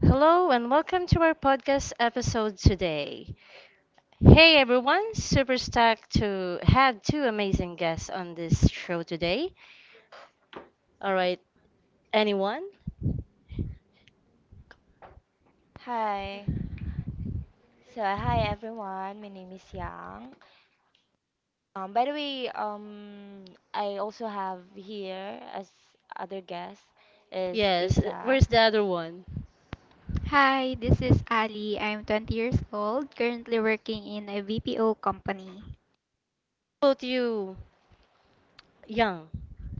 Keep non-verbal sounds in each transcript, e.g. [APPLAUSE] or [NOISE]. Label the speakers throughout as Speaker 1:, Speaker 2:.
Speaker 1: Hello and welcome to our podcast episode today. Hey everyone, super stoked to have two amazing guests on this show today. All right, anyone?
Speaker 2: Hi. So, hi everyone. My name is Yang. Um, by the way, um, I also have here as other guest is
Speaker 1: Yes,
Speaker 2: Isa.
Speaker 1: where's the other one?
Speaker 3: Hi, this is Ali. I'm 20 years old, currently working in a BPO company.
Speaker 1: Both you young.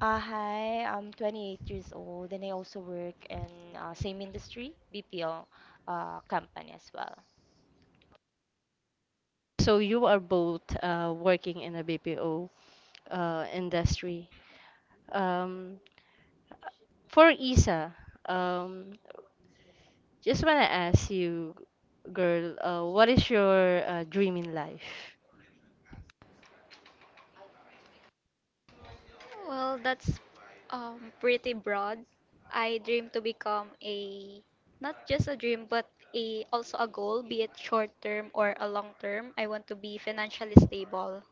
Speaker 2: Hi, I'm 28 years old and I also work in same industry, BPO company as well.
Speaker 1: So you are both working in a BPO industry. Um, for Isa, um, just want to ask you, girl, what is your dream in life?
Speaker 3: Well, that's pretty broad. I dream to become a not just a dream, but a also a goal, be it short term or a long term. I want to be financially stable.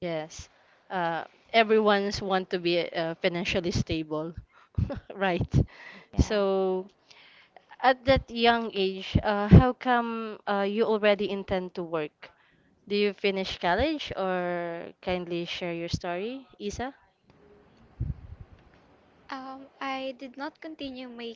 Speaker 1: Yes. Uh, Everyone's want to be financially stable, [LAUGHS] right?
Speaker 2: Yeah.
Speaker 1: So at that young age, how come you already intend to work? Do you finish college or kindly share your story, Isa?
Speaker 3: I did not continue my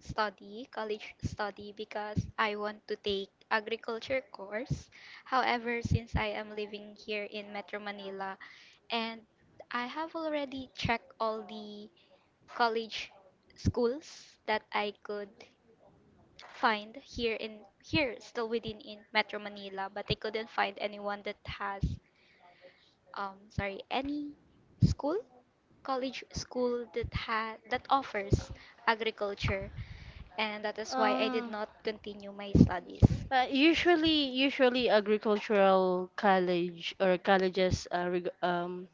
Speaker 3: study, college study, because I want to take agriculture course. However, since I am living here in Metro Manila and I have already checked all the college schools that I could find here in here still within in Metro Manila, but I couldn't find anyone that has sorry, any school college school that ha that offers agriculture, and that is why I did
Speaker 1: Um,
Speaker 3: not continue my studies.
Speaker 1: usually agricultural college or colleges uh, reg- um,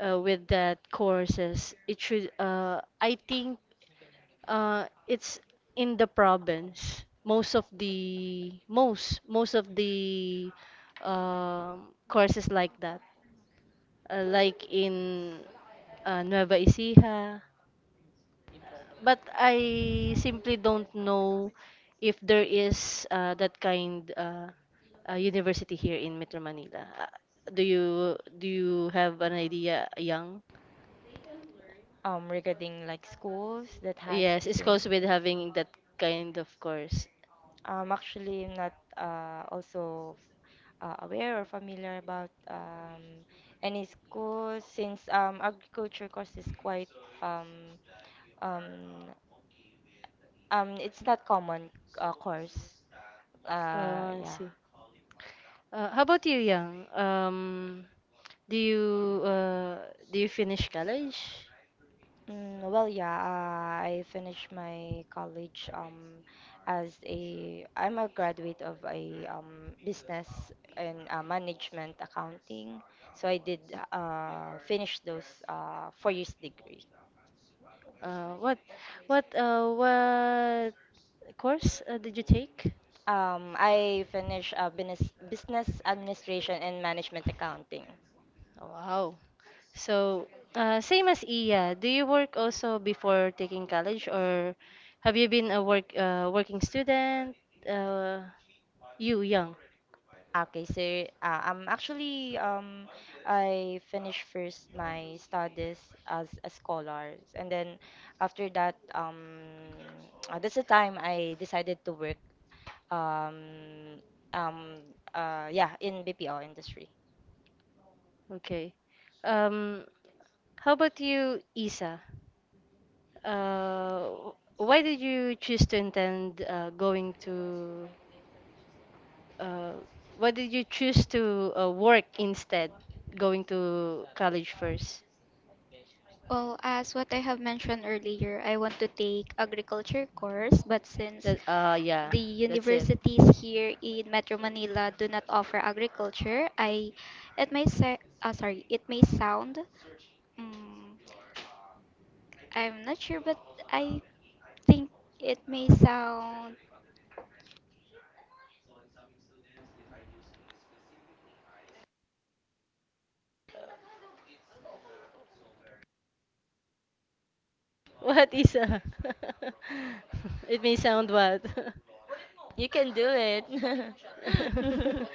Speaker 1: uh, with that courses, it should. I think it's in the province. Most of the courses like that, like in Nueva Ecija. But I simply don't know if there is that kind university here in Metro Manila. Do you have an idea, Young?
Speaker 2: Regarding like schools that has
Speaker 1: Yes, it's goes with having that kind of course.
Speaker 2: Actually, I'm not also aware or familiar about any schools since agriculture course is quite um, um, it's not common course. Uh,
Speaker 1: I
Speaker 2: yeah.
Speaker 1: see. How about you, Yang? Do you uh, do you finish college?
Speaker 2: I finished my college as a I'm a graduate of a business and management accounting. So I did finish those 4 years degree.
Speaker 1: Uh, what what course did you take?
Speaker 2: I finished business administration and management accounting.
Speaker 1: Wow. So, same as Iya, do you work also before taking college, or have you been a working student? Uh, you, Yang.
Speaker 2: Okay, so I'm actually I finished first my studies as a scholar, and then after that that's the time I decided to work um um yeah in BPO industry.
Speaker 1: Okay. Um, how about you, Isa? Uh, why did you choose to intend going to? Uh, why did you choose to work instead going to college first?
Speaker 3: Well, as what I have mentioned earlier, I want to take agriculture course, but since
Speaker 1: That Yeah,
Speaker 3: the
Speaker 1: that's it.
Speaker 3: universities here in Metro Manila do not offer agriculture, I it may say sorry, it may sound mm I'm not sure, but I think it may sound.
Speaker 1: What, Isa? [LAUGHS] It may sound what? [LAUGHS]
Speaker 2: You can do it. [LAUGHS]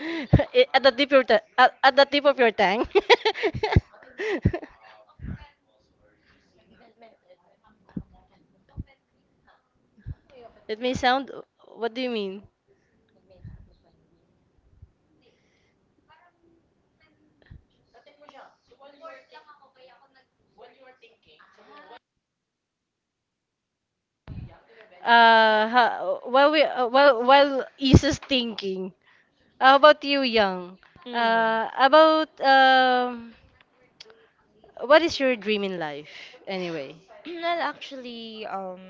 Speaker 1: At the tip of your tongue. [LAUGHS] It may sound. What do you mean? While we while Isa's thinking, how about you, Young?
Speaker 2: Mm.
Speaker 1: About what is your dream in life anyway?
Speaker 2: [CLEARS THROAT] Well, actually,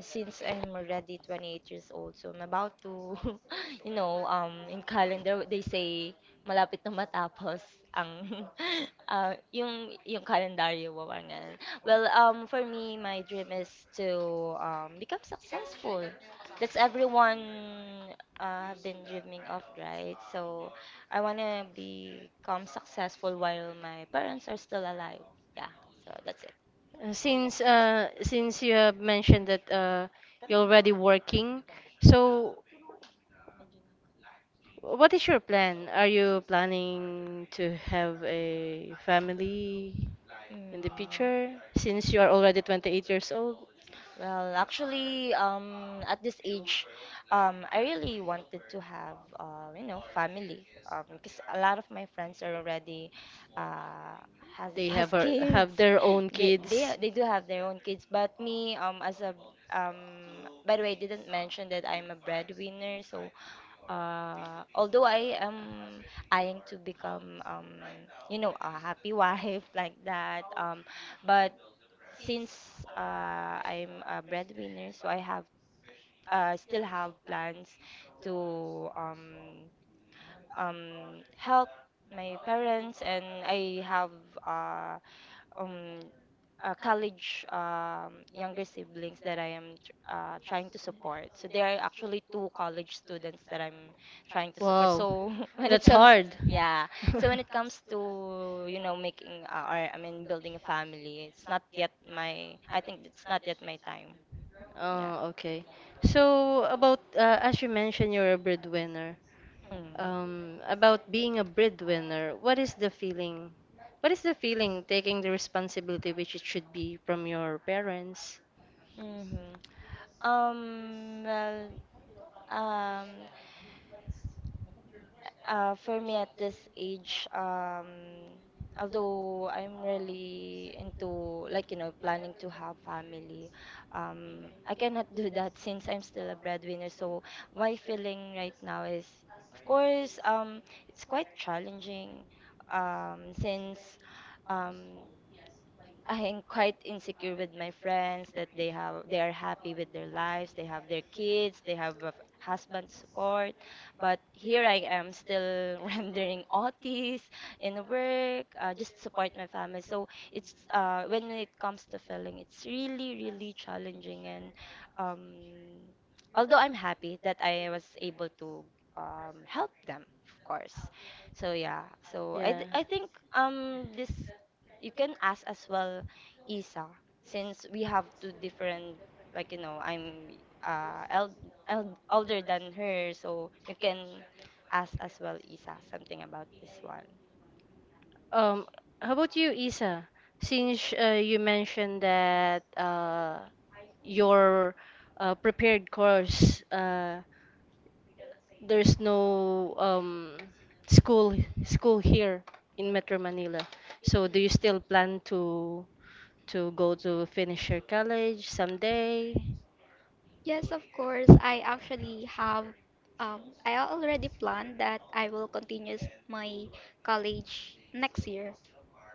Speaker 2: since I'm already 28 years old, so I'm about to [LAUGHS] you know, in calendar they say malapit na matapos ang [LAUGHS] yung kalendaryo mo parang ganun. Well, for me, my dream is to become successful. That's everyone have been dreaming of, right? So I wanna become successful while my parents are still alive. Yeah, so that's it.
Speaker 1: Since you have mentioned that you're already working, so what is your plan? Are you planning to have a family in
Speaker 2: Mm.
Speaker 1: the future? Since you are already 28 years old.
Speaker 2: Well, actually, at this age, I really wanted to have, you know, family. Because a lot of my friends are already, uh, has
Speaker 1: They
Speaker 2: has
Speaker 1: have a,
Speaker 2: kids.
Speaker 1: have their own
Speaker 2: [LAUGHS] They they
Speaker 1: kids.
Speaker 2: they do have their own kids. But me, as a by the way, I didn't mention that I'm a breadwinner. So, although I am eyeing to become, you know, a happy [LAUGHS] wife like that, but since I'm a breadwinner, so I have still have plans to help my parents, and I have uh, um, college younger siblings that I am trying to support. So there are actually two college students that I'm trying to support.
Speaker 1: Wow,
Speaker 2: So [LAUGHS] when it
Speaker 1: that's
Speaker 2: comes,
Speaker 1: hard.
Speaker 2: yeah,
Speaker 1: [LAUGHS]
Speaker 2: so when it comes to you know making or I mean building a family, it's not yet my. I think it's not yet my time. Yeah.
Speaker 1: Oh, okay. So about as you mentioned, you're a breadwinner.
Speaker 2: Mm.
Speaker 1: About being a breadwinner, what is the feeling? What is the feeling taking the responsibility which it should be from your parents?
Speaker 2: hmm. Well. Um. For me at this age, although I'm really into like you know planning to have family, I cannot do [LAUGHS] that since I'm still a breadwinner. So my feeling right now is, of course, it's quite challenging, since um, I am quite insecure with my friends that they are happy with their lives, they have their kids, they have a husband support, but here I am still [LAUGHS] rendering OTs in work, just to support my family. So it's when it comes to filling, it's really really challenging, and um, although I'm happy that I was able to help them, of course. So yeah, so
Speaker 1: Yeah.
Speaker 2: I think this you can ask as well Isa, since we have two different, like, you know, I'm uh, el el older than her, so you can ask as well Isa something about this one.
Speaker 1: Um, how about you, Isa? Since you mentioned that your prepared course, there's no school school here in Metro Manila. So do you still plan to go to finish your college someday?
Speaker 3: Yes, of course. I already planned that I will continue my college next year.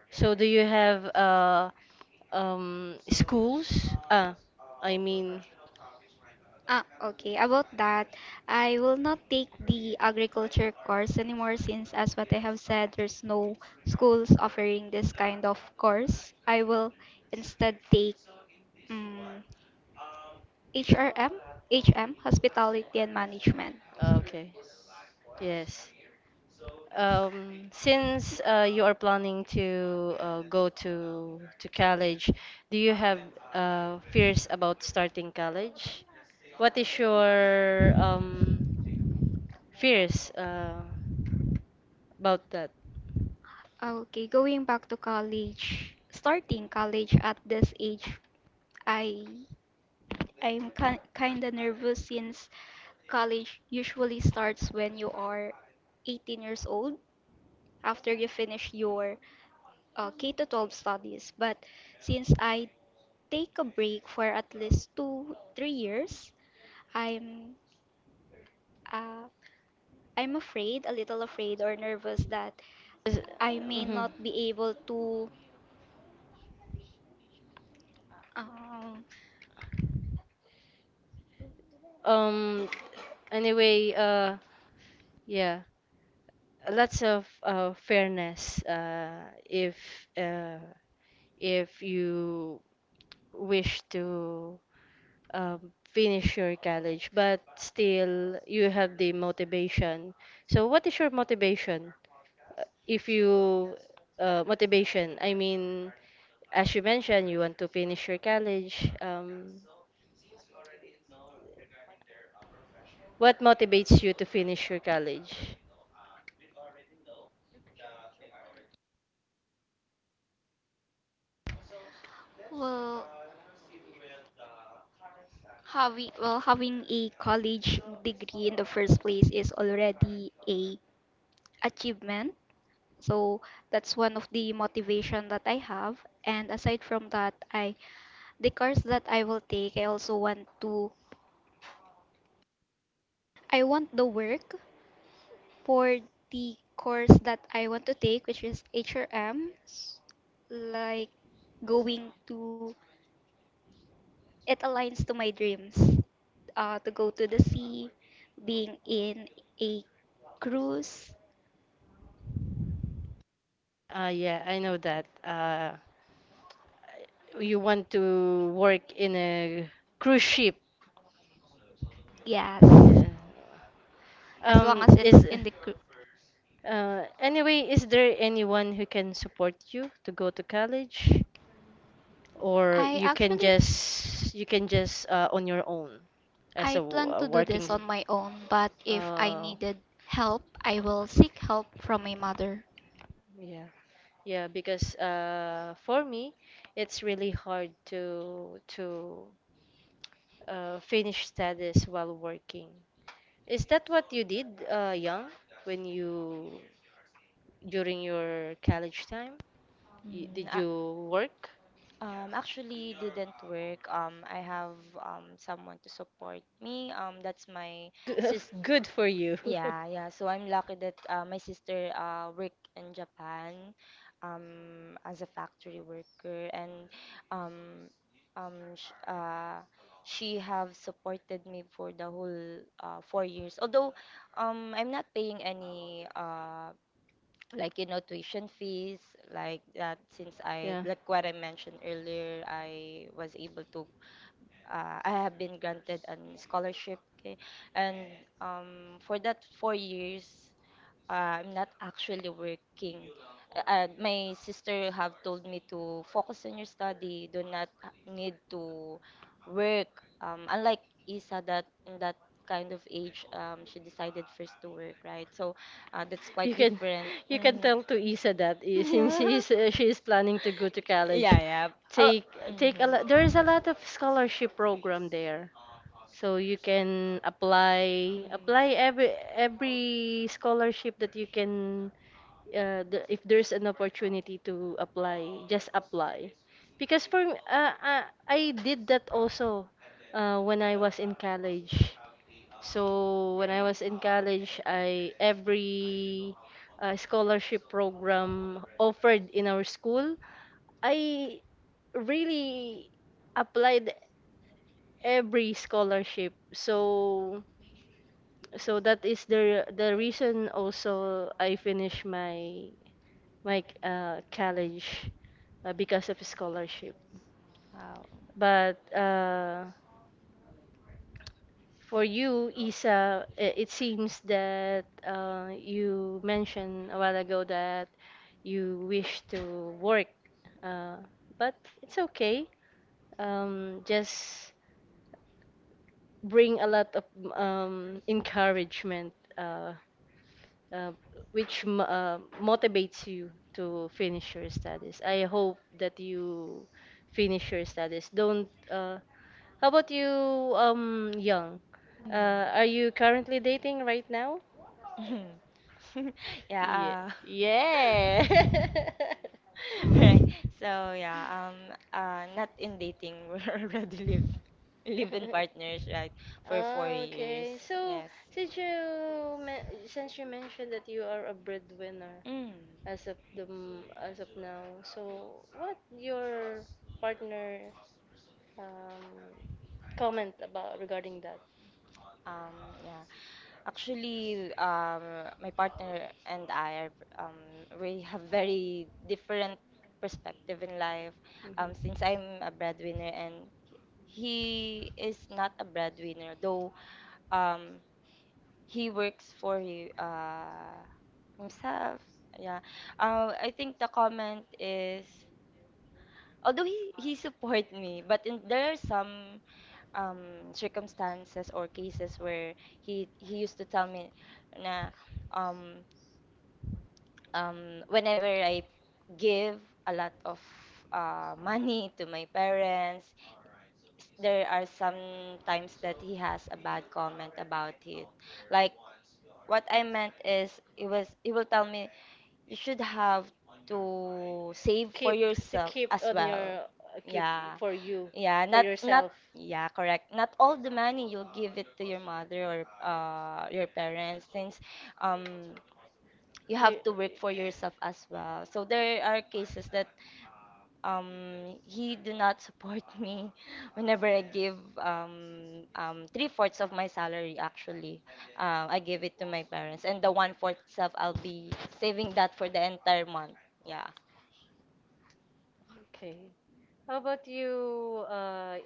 Speaker 1: So do you have schools. I mean,
Speaker 3: Ah, okay. About that, I will not take the agriculture course anymore since, as what I have said, there's no schools offering this kind of course. I will instead take um, HRM, HM, Hospitality and Management.
Speaker 1: ah, okay. Yes. Since you are planning to go to college, do you have fears about starting college? What is your fears about that?
Speaker 3: Ah, okay, going back to college, starting college at this age, I I'm ki kinda nervous since college usually starts when you are 18 years old after you finish your K to 12 studies. But since I take a break for at least 2 3 years, I'm uh, I'm afraid, a little afraid or nervous that
Speaker 1: Is-
Speaker 3: I may
Speaker 1: mhm.
Speaker 3: not be able to. um
Speaker 1: Um. Anyway, yeah, lots of fairness. Uh, if you wish to finish your college, but still you have the motivation. So, what is your motivation? If you motivation, I mean, as you mentioned, you want to finish your college. What motivates you to finish your college?
Speaker 3: well having a college degree in the first place is already a achievement. So that's one of the motivation that I have. And aside from that, I the course that I will take, I also want to. I want the work for the course that I want to take, which is HRM. Like going to it aligns to my dreams. To go to the sea, being in a cruise.
Speaker 1: Yeah, I know that. You want to work in a cruise ship.
Speaker 3: Yes,
Speaker 1: Uh,
Speaker 3: as long as
Speaker 1: is
Speaker 3: it's in the group.
Speaker 1: Anyway, is there anyone who can support you to go to college, or
Speaker 3: I
Speaker 1: you can
Speaker 3: actually
Speaker 1: just on your own as a,
Speaker 3: I
Speaker 1: w-
Speaker 3: plan
Speaker 1: a
Speaker 3: to do
Speaker 1: working?
Speaker 3: this on my own, but if I
Speaker 1: Uh,
Speaker 3: needed help, I will seek help from my mother.
Speaker 1: yeah. Yeah, because for me, it's really hard to finish studies while working. Is that what you did, young, when you during your college time? Y
Speaker 2: Mm,
Speaker 1: Did
Speaker 2: a-
Speaker 1: you work?
Speaker 2: actually didn't work. I have someone to support me. That's my sister.
Speaker 1: [LAUGHS] Good for you. [LAUGHS]
Speaker 2: Yeah, yeah. So I'm lucky that my sister worked in Japan as a factory worker, and um, sh she have supported me for the whole 4 years. Although I'm not paying any like you know tuition fees like that since I
Speaker 1: Yeah.
Speaker 2: like what I mentioned earlier, I was able to I have been granted an scholarship. Okay, and for that 4 years, I'm not actually working. My sister have told me to focus on your study. Do not need to work. Unlike Isa, that in that kind of age, she decided first to work, right? So that's
Speaker 1: You
Speaker 2: quite
Speaker 1: can,
Speaker 2: different.
Speaker 1: you can
Speaker 2: Mm.
Speaker 1: tell
Speaker 2: [LAUGHS]
Speaker 1: to Isa that since
Speaker 2: Yeah.
Speaker 1: she is planning to go to college,
Speaker 2: Yeah, yeah. How?
Speaker 1: take take a
Speaker 2: Mm.
Speaker 1: lot. There is a lot of scholarship program there, so you can apply
Speaker 2: Mm.
Speaker 1: apply every scholarship that you can. If there's an opportunity to apply, just apply. Because I did that also when I was in college. So when I was in college, I every scholarship program offered in our school, I really applied every scholarship. So that is the reason also I finished my college because of scholarship.
Speaker 2: Wow.
Speaker 1: But for you, Isa, it seems that you mentioned a while ago that you wish to work, uh, but it's okay. Just bring a lot of encouragement. Uh, which motivates you to finish your studies. I hope that you finish your studies. Don't. How about you, Young?
Speaker 2: Mm-hmm.
Speaker 1: Are you currently dating right now?
Speaker 2: Mhm. [LAUGHS]
Speaker 1: Yeah.
Speaker 2: Yeah. [LAUGHS]
Speaker 1: Yeah. [LAUGHS]
Speaker 2: Right. So yeah. Not in dating. [LAUGHS] We already live in partners. Right. For four
Speaker 1: Ah,
Speaker 2: years.
Speaker 1: okay. So,
Speaker 2: Yes.
Speaker 1: since you mentioned that you are a breadwinner
Speaker 2: Mm.
Speaker 1: as of now, so what your partner um, comment about regarding that.
Speaker 2: Um, yeah. Actually, my partner and I are we have very different perspective in life.
Speaker 1: Mhm.
Speaker 2: Since I'm a breadwinner and he is not a breadwinner, though um, he works for you himself yeah I think the comment is although he support me but in, there are some circumstances or cases where he used to tell me na um whenever I give a lot of money to my parents, there are some times that he has a bad comment about it. Like what I meant is it was he will tell me you should have to save for
Speaker 1: keep to
Speaker 2: yourself
Speaker 1: keep
Speaker 2: as
Speaker 1: on your,
Speaker 2: well.
Speaker 1: keep
Speaker 2: Yeah.
Speaker 1: for you,
Speaker 2: Yeah,
Speaker 1: for
Speaker 2: not not
Speaker 1: yourself.
Speaker 2: yeah, correct. Not all the money you'll give it to your mother or your parents since um you have
Speaker 1: You-
Speaker 2: to work for yourself as well. So there are cases that he do not support [LAUGHS] me whenever I give three-fourths of my salary. Actually, I give it to my parents, and the one fourth self I'll be saving that for the entire month. Yeah.
Speaker 1: Okay. How about you,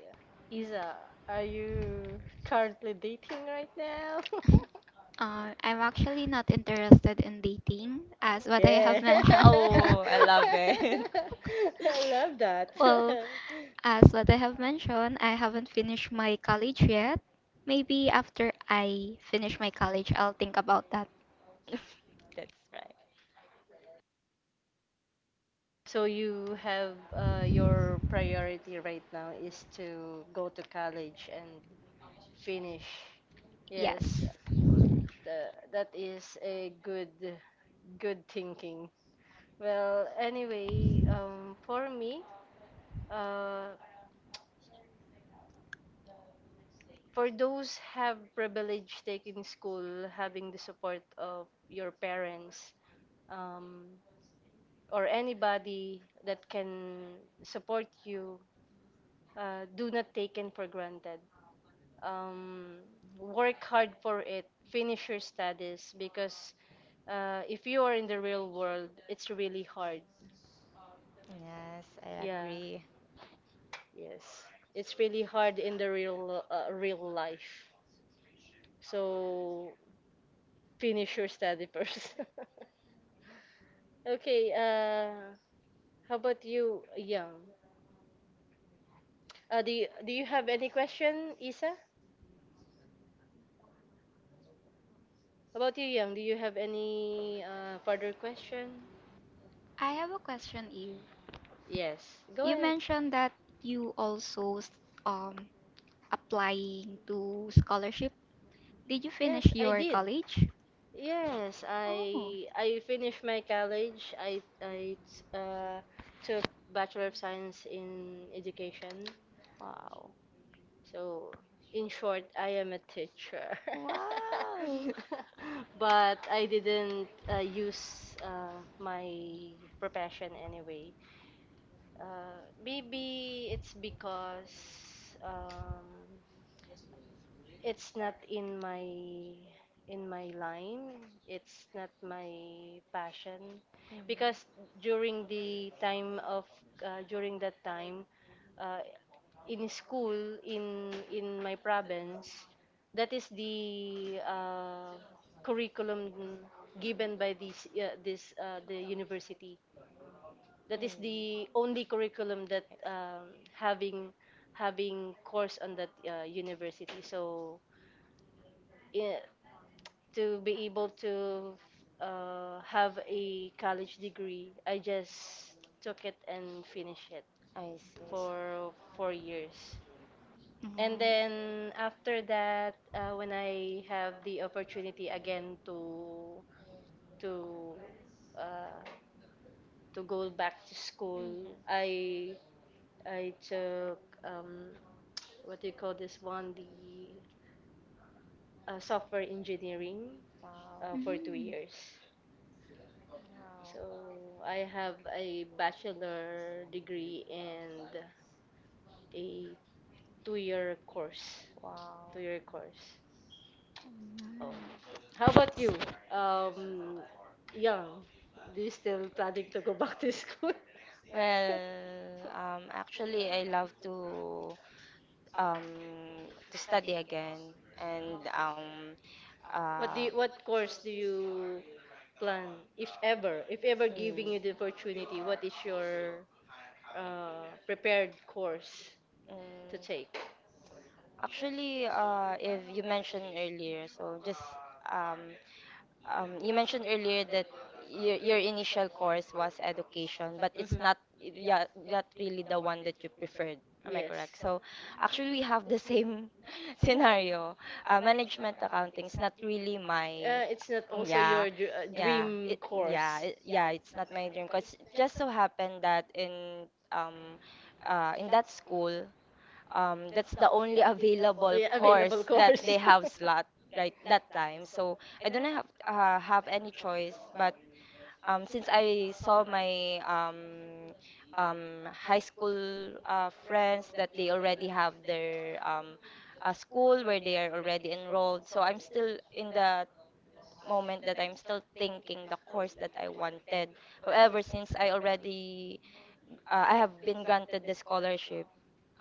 Speaker 1: Isa? Are you currently dating right now?
Speaker 3: [LAUGHS]
Speaker 1: [LAUGHS]
Speaker 3: I'm actually not interested in dating, as what I have
Speaker 1: Yeah.
Speaker 3: mentioned.
Speaker 1: [LAUGHS]
Speaker 3: [LAUGHS]
Speaker 2: Wow, I love it. [LAUGHS]
Speaker 1: I love that.
Speaker 3: Well,
Speaker 1: [LAUGHS]
Speaker 3: as what I have mentioned, I haven't finished my college yet. Maybe after I finish my college, I'll think about that.
Speaker 2: That's right.
Speaker 1: So you have your priority right now is to go to college and finish. Yes,
Speaker 3: Yes.
Speaker 1: that is a good thinking. Well, anyway, for me, uh, for those have privilege taking school, having the support of your parents, um, or anybody that can support you, do not taken for granted. um, Work hard for it, finish your studies because if you are in the real world, it's really hard.
Speaker 2: Yes, I
Speaker 1: Yeah,
Speaker 2: agree.
Speaker 1: yes, it's really hard in the real real life. So finish your study first. [LAUGHS] Okay. How about you, Yang? Do you have any question, Isa? How about you, Yang? Do you have any further question?
Speaker 3: I have a question, Eve.
Speaker 1: Yes. Go
Speaker 3: You
Speaker 1: ahead.
Speaker 3: mentioned that you also um applying to scholarship. Did you finish
Speaker 1: Yes, I
Speaker 3: your
Speaker 1: did.
Speaker 3: college?
Speaker 1: Yes,
Speaker 3: Oh.
Speaker 1: I finished my college. I uh, took Bachelor of Science in Education.
Speaker 2: Wow.
Speaker 1: So, in short, I am a teacher.
Speaker 2: Wow.
Speaker 1: [LAUGHS] But I didn't use my profession anyway. Maybe it's because um, it's not in my line. It's not my passion because during the time of during that time, uh, in school, in my province, that is the curriculum given by this this the university. That is the only curriculum that having course on that university, so i- to be able to have a college degree, I just took it and finished it
Speaker 2: I see. So,
Speaker 1: for 4 years. And
Speaker 3: Mm.
Speaker 1: then after that, when I have the opportunity again to to uh, to go back to school, I took what do you call this one? The software engineering for two
Speaker 3: Mm.
Speaker 1: years. So
Speaker 2: Wow.
Speaker 1: I have a bachelor degree and a two-year course.
Speaker 2: Wow.
Speaker 1: Two-year course. Oh,
Speaker 3: Mm.
Speaker 1: how
Speaker 3: I
Speaker 1: about you? Um, Young, do you still planning to go back to school? [LAUGHS]
Speaker 2: Well, actually, I to
Speaker 1: What do
Speaker 2: Uh,
Speaker 1: you, what course do you plan, if ever giving you the opportunity? What is your prepared course to
Speaker 2: Mm,
Speaker 1: take?
Speaker 2: actually, if you mentioned earlier, so just um, you mentioned earlier that your initial course was education, but
Speaker 1: Mhm.
Speaker 2: it's not yeah, not really the one that you preferred. Am I
Speaker 1: Yes.
Speaker 2: correct? So actually, we have the same [LAUGHS] scenario. Management accounting is not really my
Speaker 1: It's not
Speaker 2: yeah yeah it, yeah it's not my dream because it just so happened that in that school that's the only [LAUGHS] available course that they have slot
Speaker 1: [LAUGHS]
Speaker 2: right that time. So I don't have any choice. But since I saw my high school friends that they already have their a school where they are already enrolled, so I'm still in the moment that I'm still thinking the course that I wanted. However, since I already I have been granted the scholarship.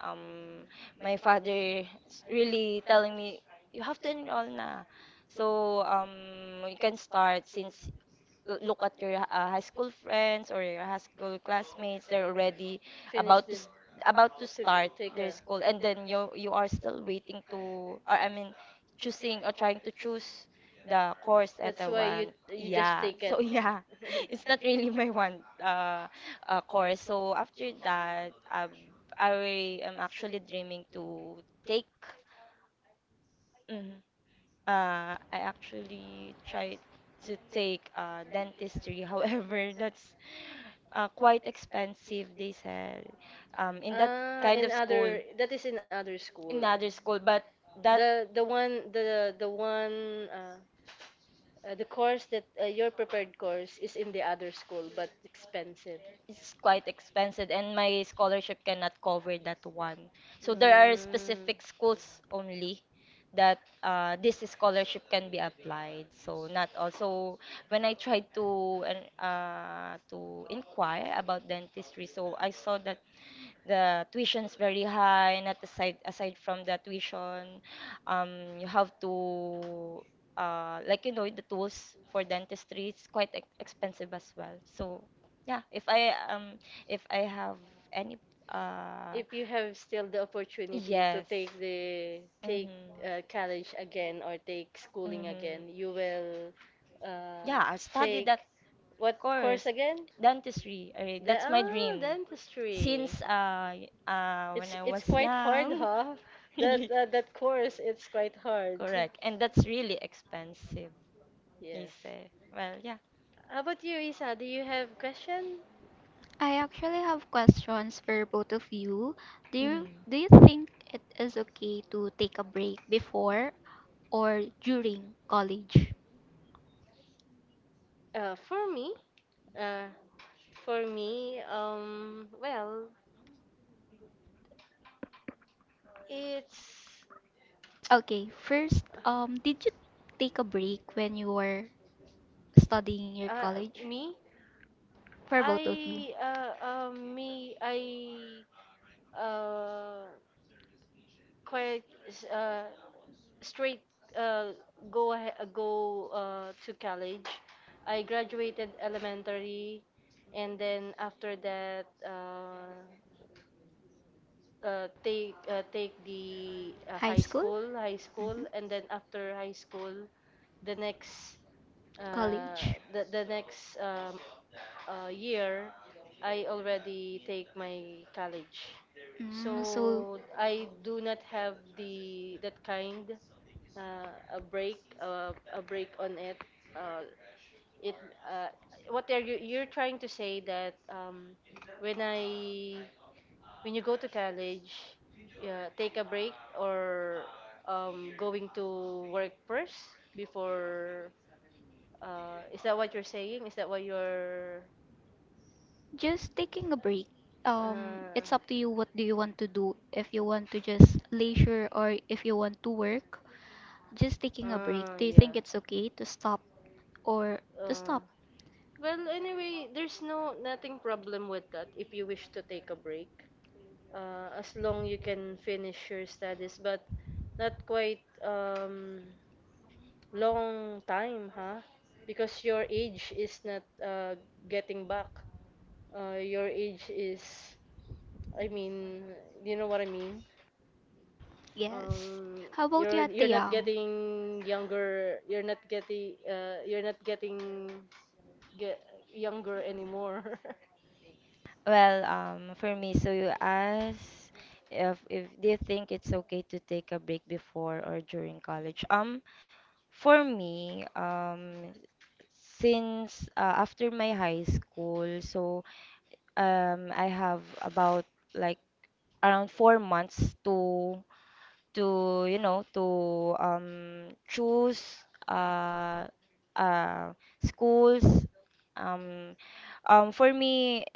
Speaker 2: Um, my father is really telling me, you have to enroll na. So you can start since look at your high school friends or your high school classmates they're already about to
Speaker 1: the
Speaker 2: st- about to start their school and then you are still waiting to or I mean choosing or trying to choose the course that I
Speaker 1: why.
Speaker 2: want yeah so yeah [LAUGHS] it's not really
Speaker 1: [LAUGHS] [LAUGHS]
Speaker 2: my one course so after that I am actually dreaming to take mhm, I actually tried to take dentistry. [LAUGHS] However, that's quite expensive, they said, in that
Speaker 1: Ah,
Speaker 2: kind of
Speaker 1: in
Speaker 2: school,
Speaker 1: other, that is in other in
Speaker 2: in
Speaker 1: school.
Speaker 2: other school. But that
Speaker 1: The the one the the one, the course that your prepared course is in the other school but expensive.
Speaker 2: it's quite expensive and my scholarship cannot cover that one. So there are specific
Speaker 1: Mm.
Speaker 2: schools only that this scholarship can be applied. So not also when I tried to and, to inquire about dentistry, so I saw that the tuition is very high, and at aside from the tuition, you have to like you know the tools for dentistry it's quite expensive as well. So yeah, if I have any uh
Speaker 1: If you have still the opportunity
Speaker 2: yes.
Speaker 1: to take the take
Speaker 2: Mhm.
Speaker 1: uh, college again or take schooling
Speaker 2: Mhm.
Speaker 1: again, you will uh,
Speaker 2: Yeah, I studied
Speaker 1: take
Speaker 2: that
Speaker 1: what course
Speaker 2: course,
Speaker 1: again?
Speaker 2: dentistry.
Speaker 1: The
Speaker 2: That's my
Speaker 1: Oh,
Speaker 2: dream
Speaker 1: dentistry.
Speaker 2: since when
Speaker 1: It's
Speaker 2: I was
Speaker 1: it's quite hard,
Speaker 2: young. [LAUGHS]
Speaker 1: huh? [LAUGHS]
Speaker 2: Really
Speaker 1: That course, it's quite hard.
Speaker 2: correct. And that's really expensive, they
Speaker 1: Yes.
Speaker 2: say. Well, yeah.
Speaker 1: How about you, Isa? Do you have question?
Speaker 3: I actually have questions for both of you. Do you
Speaker 2: Mhm.
Speaker 3: do you think it is okay to take a break before or during college?
Speaker 1: Uh, for me, uh, for me, well, it's
Speaker 3: Okay, first, did you take a break when you were studying your
Speaker 1: uh,
Speaker 3: college?
Speaker 1: me.
Speaker 3: For both of you.
Speaker 1: I uh quite uh straight, uh, go to college. I graduated elementary, and then after that, take the
Speaker 3: High
Speaker 1: high
Speaker 3: school?
Speaker 1: school,
Speaker 3: Hmm.
Speaker 1: and then after high school, the next uh,
Speaker 3: College?
Speaker 1: the the next um, uh, year, I already take my college.
Speaker 3: Mm, so
Speaker 1: So I do not have the that kind uh, a break on it. uh, it uh, what are you you're trying to say that when I when you go to college, take a break or going to work first before, is that what you're saying? Is that what you're
Speaker 3: just taking a break. Um,
Speaker 1: uh,
Speaker 3: it's up to you what do you want to do. If you want to just leisure or if you want to work, just taking a break. Do you think
Speaker 1: yeah,
Speaker 3: it's okay to stop or to
Speaker 1: uh,
Speaker 3: stop?
Speaker 1: well, anyway, there's no nothing problem with that if you wish to take a break, as long you can finish your studies, but not quite long time, huh, because your age is not getting back your age is I mean, you know what I mean.
Speaker 3: Yes.
Speaker 1: um,
Speaker 3: How about you,
Speaker 1: you're
Speaker 3: Ate
Speaker 1: you're not
Speaker 3: Yang?
Speaker 1: getting younger, you're not getting get younger anymore.
Speaker 2: Well, for me, so you ask if they think it's okay to take a break before or during college. For me, since after my high school, so I have about like around 4 months to you know to choose uh, uh, schools. Um, for me,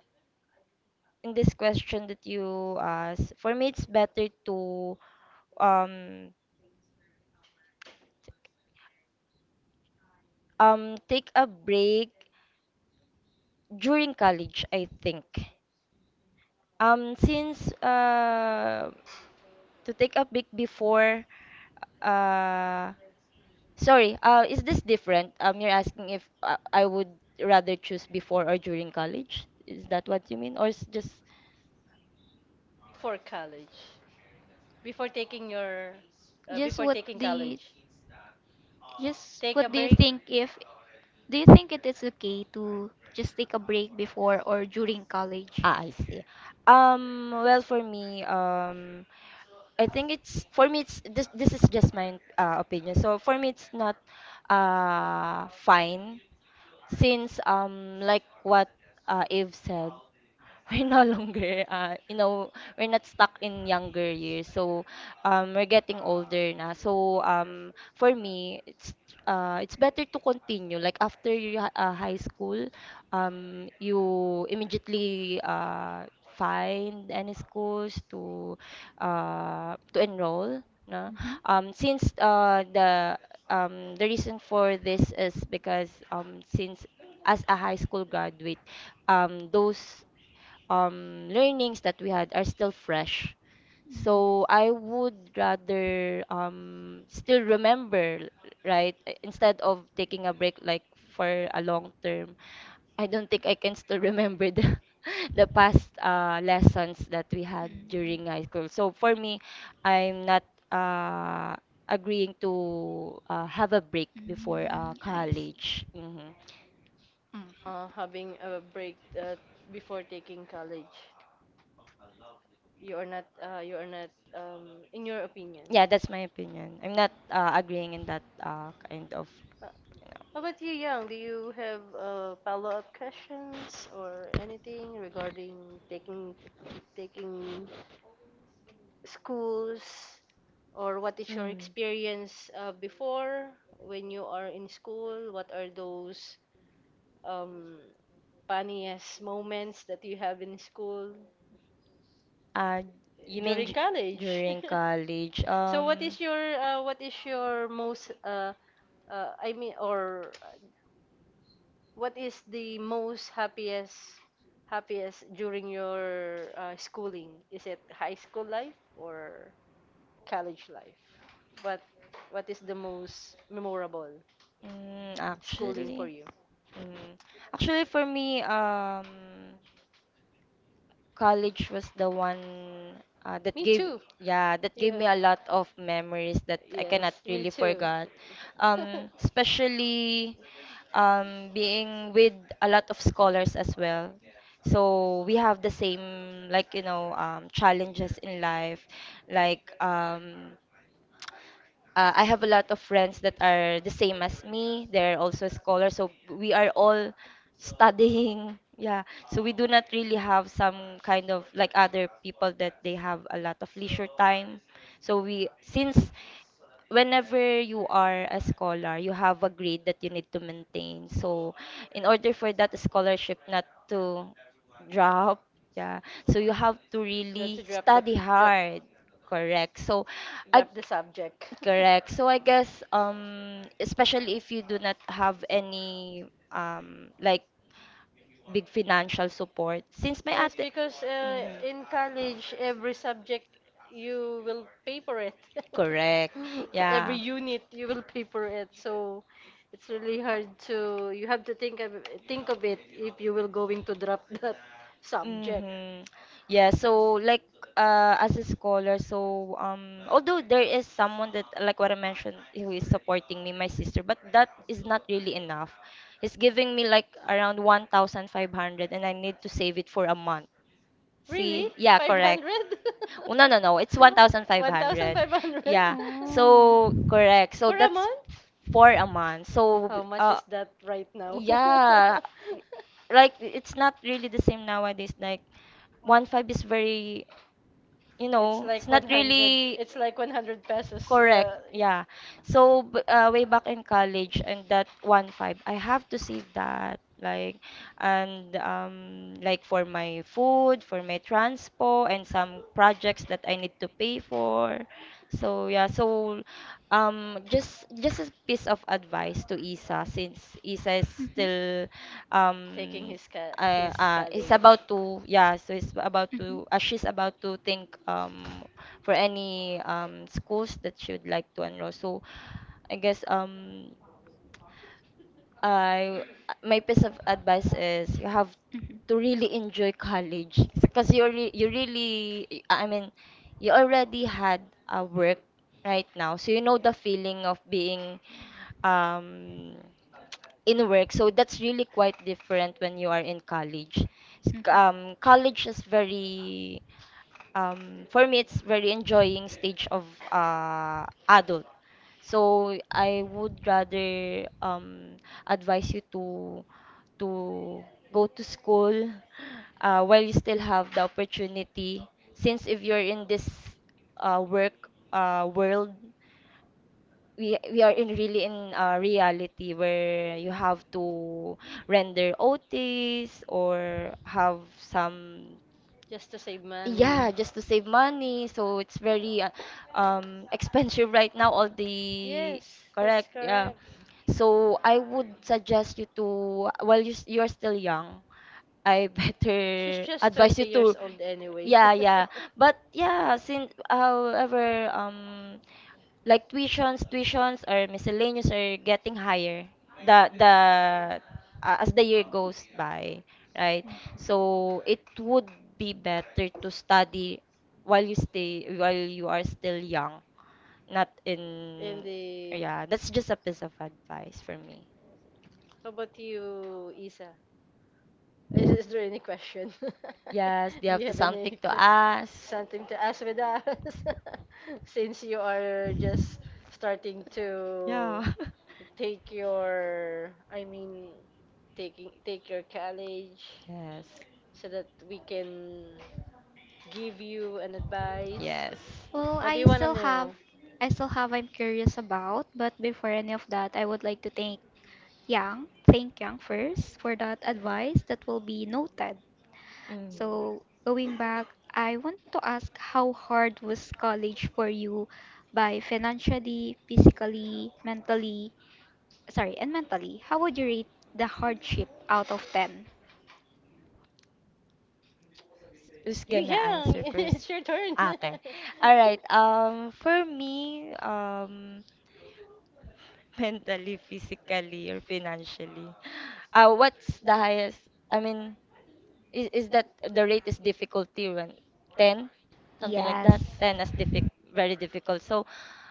Speaker 2: in this question that you asked, for me it's better to um take a break during college, I think. Since to take a pic before, uh, sorry, is this different? You're asking if I would rather choose before or during college? Is that what you mean? Or is just,
Speaker 1: [LAUGHS] For college, before taking your
Speaker 3: Just
Speaker 1: before
Speaker 3: what
Speaker 1: taking
Speaker 3: do you,
Speaker 1: college.
Speaker 3: just
Speaker 1: Take
Speaker 3: what
Speaker 1: a
Speaker 3: do you
Speaker 1: break.
Speaker 3: think if do you think it is okay to just take a break before or during college?
Speaker 2: ah, I see. Well, for me, I think it's for me. It's this. This is just my opinion. So for me, it's not fine since like what Eve said, [LAUGHS] we're no longer you know we're not stuck in younger years. So we're getting older na. So for me, it's better to continue. Like after you high school, you immediately find any schools to enroll. No?
Speaker 3: Mm-hmm.
Speaker 2: Since the reason for this is because since as a high school graduate, those learnings that we had are still fresh, so
Speaker 3: Mm.
Speaker 2: I would rather still remember, right? Instead of taking a break like for a long term, I don't think I can still remember the [LAUGHS] the past lessons that we had during high school. So for me, I'm not uh, agreeing to have a break
Speaker 3: Mm.
Speaker 2: before
Speaker 3: Mm. I see.
Speaker 2: college. Hmm.
Speaker 3: Mhm.
Speaker 1: Having a break before taking college. You are not. You are not. In your opinion.
Speaker 2: Yeah, that's my opinion. I'm not agreeing in that kind of, you
Speaker 1: How
Speaker 2: know.
Speaker 1: about you, Young? Do you have follow-up questions or anything regarding taking schools, or what is your
Speaker 2: Mm.
Speaker 1: experience before when you are in school? What are those um, funniest moments that you have in school
Speaker 2: Uh, you mean
Speaker 1: during college?
Speaker 2: during college?
Speaker 1: [LAUGHS] so what is your uh, what is your most, I mean, or what is the most happiest during your schooling? Is it high school life or college life? What What is the most memorable
Speaker 2: Mm,
Speaker 1: schooling for
Speaker 2: actually,
Speaker 1: you?
Speaker 2: mm, actually for me, college was the one that
Speaker 1: Me
Speaker 2: gave,
Speaker 1: too.
Speaker 2: yeah, that gave
Speaker 1: Yeah.
Speaker 2: me a lot of memories that I cannot
Speaker 1: Yes, me
Speaker 2: really
Speaker 1: too.
Speaker 2: forget.
Speaker 1: [LAUGHS]
Speaker 2: Especially being with a lot of scholars as well. So we have the same like you know challenges in life, like I have a lot of friends that are the same as me. They're also scholars, so we are all studying. [LAUGHS] Yeah, so we do not really have some kind of like other people that they have a lot of leisure time. So we, since whenever you are a scholar, you have a grade that you need to maintain. So in order for that scholarship not to drop, yeah, so you have to
Speaker 1: Not to
Speaker 2: really study hard. Correct. So I.
Speaker 1: drop the subject.
Speaker 2: Correct. So I guess especially if you do not have any like big financial support since my
Speaker 1: Yes,
Speaker 2: ate.
Speaker 1: because
Speaker 2: Mhm.
Speaker 1: in college every subject you will pay for it.
Speaker 2: Correct.
Speaker 1: [LAUGHS] [LAUGHS] Every
Speaker 2: Yeah.
Speaker 1: unit you will pay for it, so it's really hard to, you have to think of it if you will going to drop [LAUGHS] that subject.
Speaker 2: Mm-hmm. Yeah, so like as a scholar, so although there is someone that like what I mentioned who is supporting me, my sister, but that is not really enough. It's giving me like around 1,500 and I need to save it for a month.
Speaker 1: Really?
Speaker 2: See? Yeah, correct.
Speaker 1: 500.
Speaker 2: Oh, no, no, no. It's 1,500.
Speaker 1: 1,500.
Speaker 2: Yeah.
Speaker 1: [LAUGHS]
Speaker 3: Oh.
Speaker 2: So, correct.
Speaker 1: [LAUGHS]
Speaker 2: So
Speaker 1: For a
Speaker 2: that's
Speaker 1: month.
Speaker 2: for a month. So,
Speaker 1: How much
Speaker 2: uh,
Speaker 1: is that right now? [LAUGHS]
Speaker 2: yeah, like it's not really the same nowadays. Like, one five is very, you
Speaker 1: It's
Speaker 2: know,
Speaker 1: like
Speaker 2: it's not
Speaker 1: 100.
Speaker 2: really
Speaker 1: It's like 100 pesos.
Speaker 2: correct. Yeah. So way back in college and that one five, I have to save that like and like for my food, for my transport and some projects that I need to pay for. So yeah, so just a piece of advice to Isa since Isa is
Speaker 3: Mhm. Mhm.
Speaker 2: still
Speaker 1: Taking
Speaker 2: um
Speaker 1: his his
Speaker 2: uh
Speaker 1: salary
Speaker 2: is about to, yeah, so it's about to she's about to think for any schools that she would like to enroll. So I guess I my piece of advice is you have
Speaker 3: Mhm.
Speaker 2: to really enjoy college because you really, I mean, you already had a work right now so you know the feeling of being um in work, so that's really quite different when you are in college.
Speaker 3: Mhm. Mhm.
Speaker 2: College is very for me it's very enjoying stage of adult, so I would rather advise you to go to school while you still have the opportunity since if you're in this work world, we are in really in reality where you have to render OTs or have some,
Speaker 1: just to save money.
Speaker 2: yeah, just to save money. So it's very expensive [LAUGHS] right now, all the
Speaker 1: Yes, that's
Speaker 2: correct, yeah.
Speaker 1: correct.
Speaker 2: So I would suggest you to while you are still young, I [LAUGHS]
Speaker 1: She's
Speaker 2: better
Speaker 1: just
Speaker 2: advise
Speaker 1: 20
Speaker 2: you
Speaker 1: years
Speaker 2: to,
Speaker 1: old anyway.
Speaker 2: yeah, yeah. But yeah, since however like tuitions or miscellaneous are getting higher, the as the year goes by, right, so it would be better to study while you stay while you are still young, not
Speaker 1: And
Speaker 2: in,
Speaker 1: the
Speaker 2: yeah, that's just a piece of advice for me.
Speaker 1: How about you, Isa? [LAUGHS] Is there any question? [LAUGHS]
Speaker 2: Yes, they
Speaker 1: Do you
Speaker 2: have to
Speaker 1: have any
Speaker 2: something to
Speaker 1: que-,
Speaker 2: ask.
Speaker 1: something to ask with us? [LAUGHS] Since you are just starting to
Speaker 2: Yeah [LAUGHS]
Speaker 1: take your, I mean, taking take your college,
Speaker 2: yes
Speaker 1: so that we can give you an advice.
Speaker 2: yes.
Speaker 3: Well,
Speaker 1: What do you want to know?
Speaker 3: I still have I'm curious about, but before any of that, I would like to thank Yang first for that advice that will be noted.
Speaker 2: Mm.
Speaker 3: So, going back, I want to ask how hard was college for you by financially, physically, and mentally? How would you rate the hardship out of 10?
Speaker 2: Who's
Speaker 1: You're
Speaker 2: gonna answer
Speaker 1: young. [LAUGHS] It's
Speaker 2: first?
Speaker 1: your turn.
Speaker 2: Okay.
Speaker 1: [LAUGHS]
Speaker 2: All right. For me, [LAUGHS] mentally, physically, or financially, what's the highest? I mean, is that the rate is difficulty when ten, something like
Speaker 3: Yes.
Speaker 2: that? Ten as diffic, very difficult. So,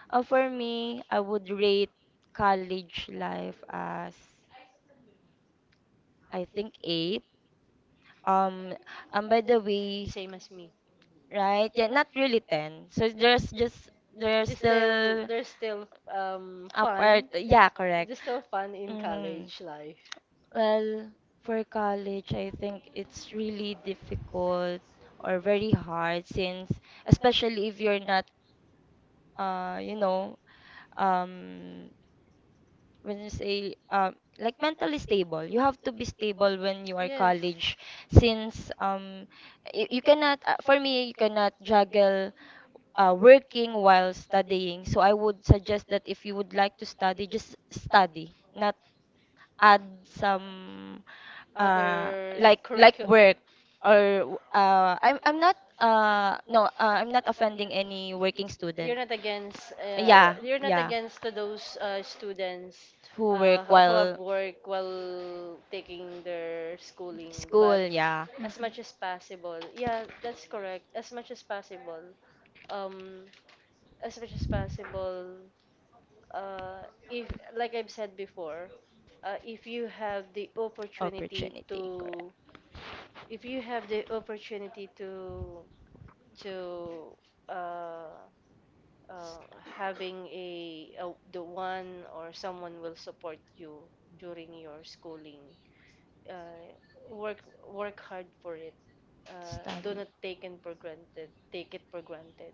Speaker 2: for me, I would rate college life as I think eight. Um, and by the
Speaker 1: The
Speaker 2: way,
Speaker 1: same as me.
Speaker 2: right? Yeah, not really 10. So there's just there's
Speaker 1: There's still
Speaker 2: still
Speaker 1: there's still um
Speaker 2: a
Speaker 1: fun.
Speaker 2: part. Yeah, correct.
Speaker 1: There's still fun in
Speaker 2: Hmm.
Speaker 1: college life.
Speaker 2: Well, for college, I think it's really difficult or very hard since especially if you're not you know um, when you say like mentally stable, you have to be stable when you are
Speaker 1: Yes,
Speaker 2: college since you cannot for me you cannot juggle working while studying, so I would suggest that if you would like to study, just study, not add some uh
Speaker 1: other
Speaker 2: like
Speaker 1: curriculum.
Speaker 2: work or I'm not offending any working student, yeah,
Speaker 1: You're not
Speaker 2: yeah,
Speaker 1: against to those students,
Speaker 2: who work
Speaker 1: who have
Speaker 2: while
Speaker 1: work while taking their schooling,
Speaker 2: school,
Speaker 1: but
Speaker 2: yeah.
Speaker 1: as
Speaker 3: Mhm.
Speaker 1: much as possible. Yeah, that's correct. As much as possible. Um, as much as possible. Uh, if, like I've said before, if you have the opportunity
Speaker 2: Opportunity, correct.
Speaker 1: to, if you have the opportunity to, uh, uh,
Speaker 2: S-.
Speaker 1: having a the one, or someone will support you during your schooling. Uh, work work hard for it. Do
Speaker 2: Study.
Speaker 1: not take it for granted. Take it for granted.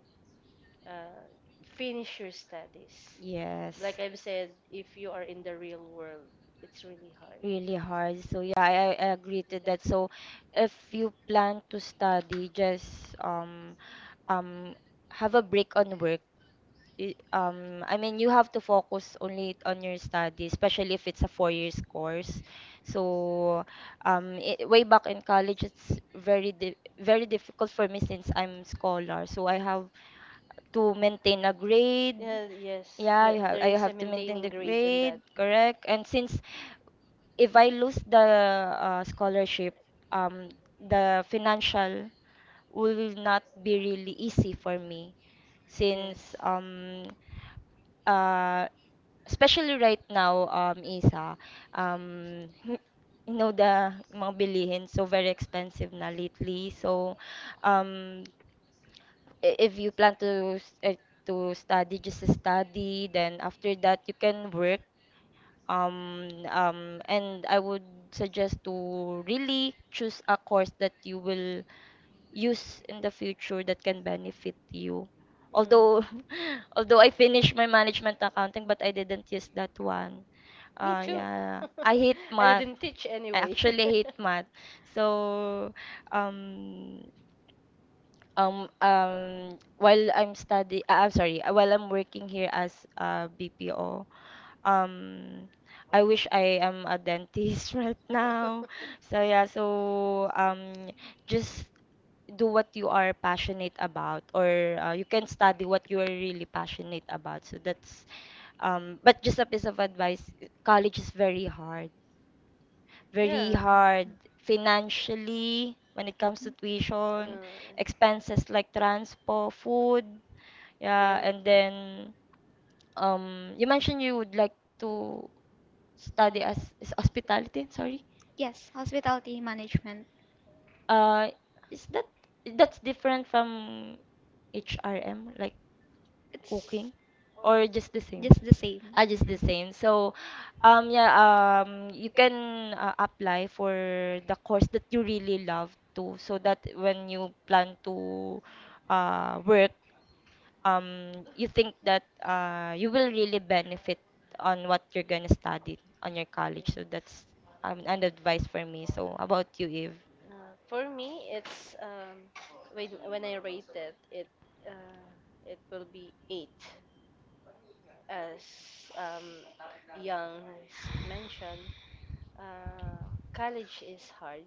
Speaker 1: Uh, Finish your studies. Like
Speaker 2: Yes.
Speaker 1: I've said, if you are in the real world, it's really hard.
Speaker 2: Really hard. So yeah, I agree to that. So if you plan to study, just um have a break on work, I mean you have to focus only on your study, especially if it's a 4 years course. So I way back in college it's very di very difficult for me since I'm scholar. So I have to maintain a grade.
Speaker 1: Yeah, yes,
Speaker 2: Yeah,
Speaker 1: there,
Speaker 2: you
Speaker 1: there
Speaker 2: have I
Speaker 1: is a
Speaker 2: have to maintain
Speaker 1: maintaining
Speaker 2: the
Speaker 1: grade in that.
Speaker 2: grade, correct? And since if I lose the scholarship, um the financial will not be really easy for me
Speaker 1: Yes.
Speaker 2: since um uh especially right now Isa, um [LAUGHS] you know the mga bilihin so very expensive na lately, so um, if you plan to to study, just study, then after that you can work and I would suggest to really choose a course that you will use in the future that can benefit you. Although
Speaker 1: Mm.
Speaker 2: [LAUGHS] although I finished my management accounting but I didn't use that one.
Speaker 1: Me too.
Speaker 2: Yeah. I hate
Speaker 1: [LAUGHS] I
Speaker 2: math.
Speaker 1: didn't teach
Speaker 2: I
Speaker 1: anyway.
Speaker 2: actually hate
Speaker 1: [LAUGHS]
Speaker 2: math. So um while I'm study I'm sorry while I'm working here as a BPO um I wish I am a dentist [LAUGHS] right now,
Speaker 1: [LAUGHS]
Speaker 2: so yeah so just do what you are passionate about or you can study what you are really passionate about, so that's but just a piece of advice, college is very hard, very
Speaker 1: Yeah.
Speaker 2: hard financially when it comes to tuition,
Speaker 1: Uh,
Speaker 2: expenses like transport, food. Yeah,
Speaker 1: Yeah.
Speaker 2: and
Speaker 1: Yeah.
Speaker 2: then you mentioned you would like to study as is hospitality, sorry.
Speaker 3: Yes, hospitality management.
Speaker 2: Uh, is that that's different from HRM, like cooking,
Speaker 3: It's
Speaker 2: or just the same?
Speaker 3: just the same.
Speaker 2: Ah, just the
Speaker 3: Mhm.
Speaker 2: same. So, yeah, you can apply for the course that you really love to, so that when you plan to work, you think that you will really benefit on what you're gonna study on your college. So that's an advice for me. So, how about you, Eve?
Speaker 1: For me, it's, when I rate it, uh, it will be eight, as, um, Young mentioned. Uh, College is hard,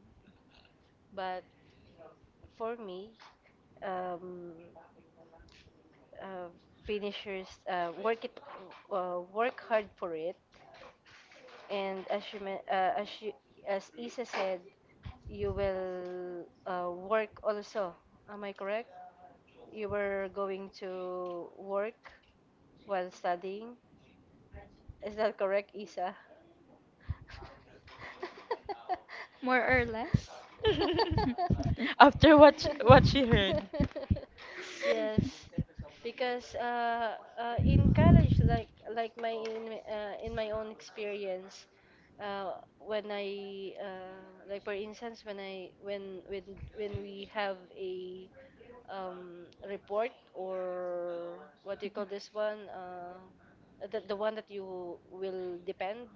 Speaker 1: but for me, um, uh, finishers, work hard for it, and as you, men- as you as Isa said, you will work also, am I correct? You were going to work while studying, is that correct, Isa?
Speaker 3: More or less.
Speaker 2: [LAUGHS] [LAUGHS]
Speaker 3: [LAUGHS]
Speaker 1: [LAUGHS]
Speaker 2: After what she heard.
Speaker 1: [LAUGHS] Yes, because in college, like in my own experience, uh, when I like for instance when I when we have a, report, or what do you call this one? The one that you will depend,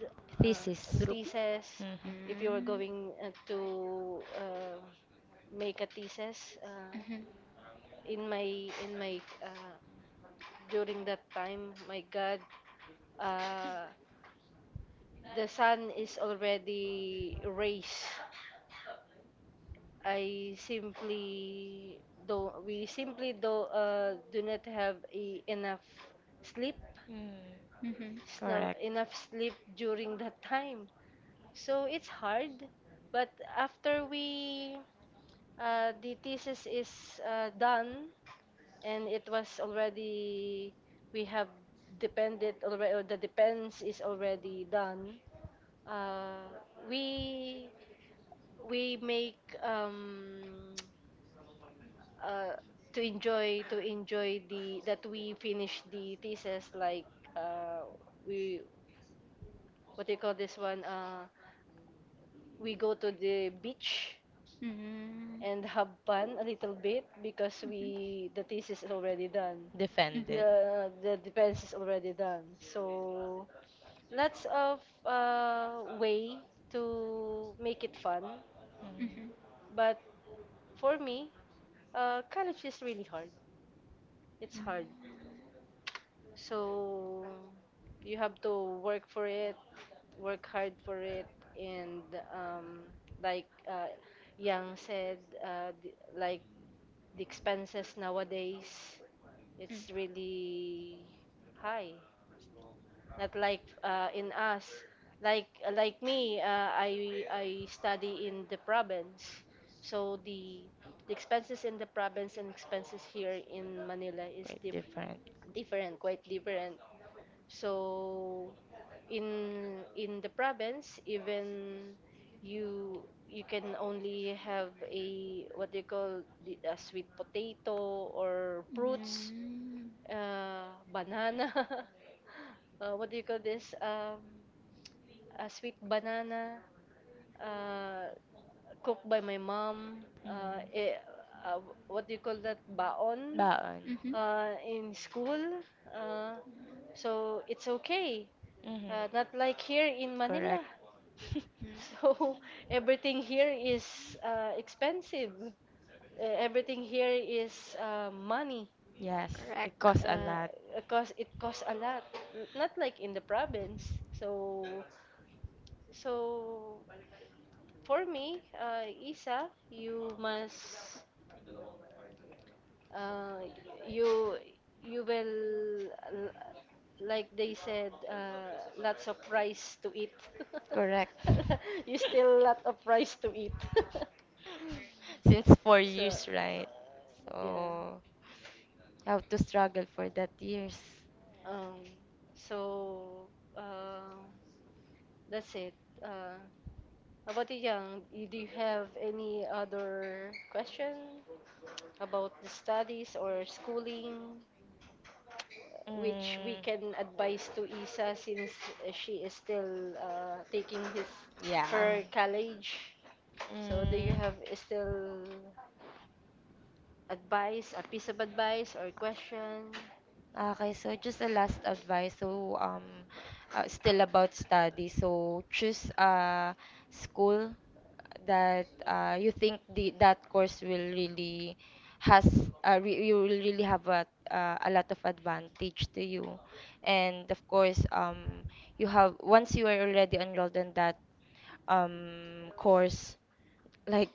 Speaker 1: uh, a
Speaker 2: Thesis.
Speaker 3: Groupie?
Speaker 1: thesis.
Speaker 2: Mhm.
Speaker 1: If you are
Speaker 3: Mm.
Speaker 1: going to make a thesis,
Speaker 3: Mm-hmm.
Speaker 1: in my during that time, my God, uh, the sun is already raised. I simply don't. We simply do not have enough sleep,
Speaker 2: Mm.
Speaker 3: Mhm.
Speaker 2: Correct.
Speaker 1: enough sleep during that time. So it's hard. But after we the thesis is done, and it was already, we have depended already, or the depends is already done. Uh, we we make, uh, to enjoy the that we finish the thesis, like, uh, we, what do you call this one, we go to the beach
Speaker 3: Mm.
Speaker 1: and have fun a little bit because we, the thesis is already done,
Speaker 3: Mhm,
Speaker 2: Defended.
Speaker 1: the defense is already done, so lots of way to make it fun.
Speaker 3: mhm,
Speaker 2: Mm.
Speaker 3: mhm,
Speaker 1: But for me, college is really hard. It's hard.
Speaker 3: mhm,
Speaker 1: So you have to work for it, work hard for it, and, um, like, Yang said, uh, the, like the expenses nowadays,
Speaker 3: mm.
Speaker 1: it's really high. Not like in us, like me, I study in the province, so the expenses in the province and expenses here in Manila is
Speaker 2: Quite
Speaker 1: different,
Speaker 2: different.
Speaker 1: different, quite different. So in the province, even you can only have a, what they call, a sweet potato, or fruits,
Speaker 3: Mm.
Speaker 1: banana. [LAUGHS] What do you call this? Sweet banana, uh, cooked by my mom.
Speaker 2: Mm.
Speaker 1: Uh, what do you call that? Baon.
Speaker 2: Baon.
Speaker 3: Mm-hmm.
Speaker 1: In school. Uh, so it's okay.
Speaker 2: Mhm.
Speaker 1: Not like here in
Speaker 2: Correct.
Speaker 1: Manila.
Speaker 2: [LAUGHS]
Speaker 3: Mm.
Speaker 1: [LAUGHS] So everything here is expensive. Everything here is money.
Speaker 2: Yes, it costs
Speaker 3: Correct.
Speaker 2: a
Speaker 1: Uh,
Speaker 2: lot.
Speaker 1: it costs a lot. Not like in the province. So, so for me, Isa, you must, uh, you you will like they said, lots of rice to eat.
Speaker 2: Correct.
Speaker 1: [LAUGHS] You still lot of rice to eat.
Speaker 2: [LAUGHS] Since four
Speaker 1: [LAUGHS] So,
Speaker 2: years, right?
Speaker 1: yeah.
Speaker 2: So, you have to struggle for that years.
Speaker 1: Um, so uh, that's it. Uh, about it, Yang, do you have any other question about the studies or schooling, which we
Speaker 2: Mm,
Speaker 1: can advise to Isa, since she is still taking his
Speaker 2: yeah.
Speaker 1: her college? So do you
Speaker 2: Mm.
Speaker 1: have still advice, a piece of advice or question?
Speaker 2: Okay, so just a last advice. So, still about study. So, choose a school that you think the that course will really has re you will really have a lot of advantage to you. And of course, you have once you are already enrolled in that course, like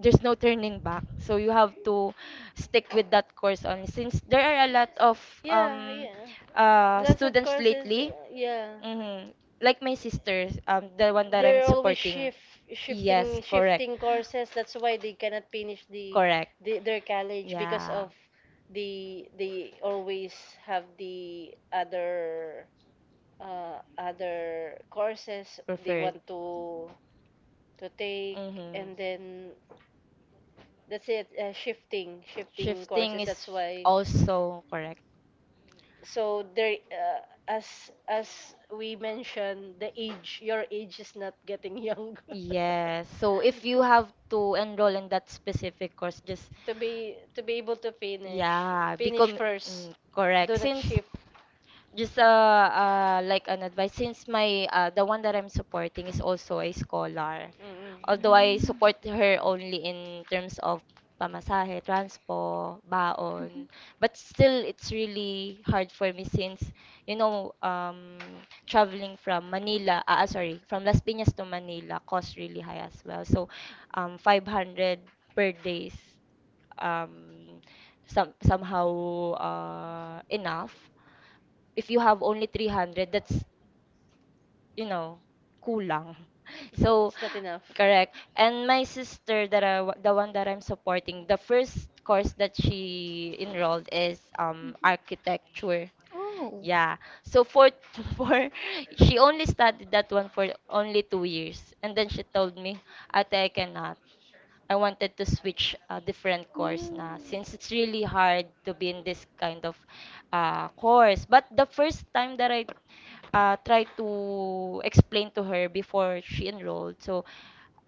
Speaker 2: there's no turning back, so you have to stick with that course only since there are a lot of
Speaker 1: Yeah,
Speaker 2: um
Speaker 1: yeah. Lots of
Speaker 2: students
Speaker 1: courses.
Speaker 2: lately,
Speaker 1: Yeah.
Speaker 2: mhm, like my sisters the one that I'm
Speaker 1: They're always
Speaker 2: supporting,
Speaker 1: shift
Speaker 2: yes,
Speaker 1: shifting
Speaker 2: correct,
Speaker 1: shifting courses, that's why they cannot finish the,
Speaker 2: correct,
Speaker 1: their college, because
Speaker 2: yeah,
Speaker 1: of they always have the other other courses they
Speaker 2: preferred,
Speaker 1: want to take,
Speaker 2: mm-hmm.
Speaker 1: and then that's it, shifting
Speaker 2: Shifting
Speaker 1: courses,
Speaker 2: is
Speaker 1: that's why.
Speaker 2: also correct.
Speaker 1: So there, as we mentioned, the age your age is not getting younger. [LAUGHS]
Speaker 2: Yes, so if you have to enroll in that specific course, just,
Speaker 1: To be able to finish,
Speaker 2: yeah,
Speaker 1: finish
Speaker 2: become,
Speaker 1: first.
Speaker 2: mm, correct,
Speaker 1: Do not
Speaker 2: since
Speaker 1: shift.
Speaker 2: just like an advice since my the one that I'm supporting is also a scholar.
Speaker 1: Mm.
Speaker 2: Although I support her only in terms of pamasahe, transpo, baon, but still it's really hard for me since you know traveling from Manila, ah ah, sorry, from Las Piñas to Manila costs really high as well. So 500 per days um some somehow enough if you have only 300, that's you know kulang
Speaker 1: [LAUGHS]
Speaker 2: [LAUGHS] so
Speaker 1: It's not enough.
Speaker 2: correct, and my sister that the one that I'm supporting, the first course that she enrolled is architecture, yeah, so for [LAUGHS] for she only studied that one for only 2 years and then she told me ate I cannot, I wanted to switch a different course na since it's really hard to be in this kind of course, but the first time that I try to explain to her before she enrolled. So,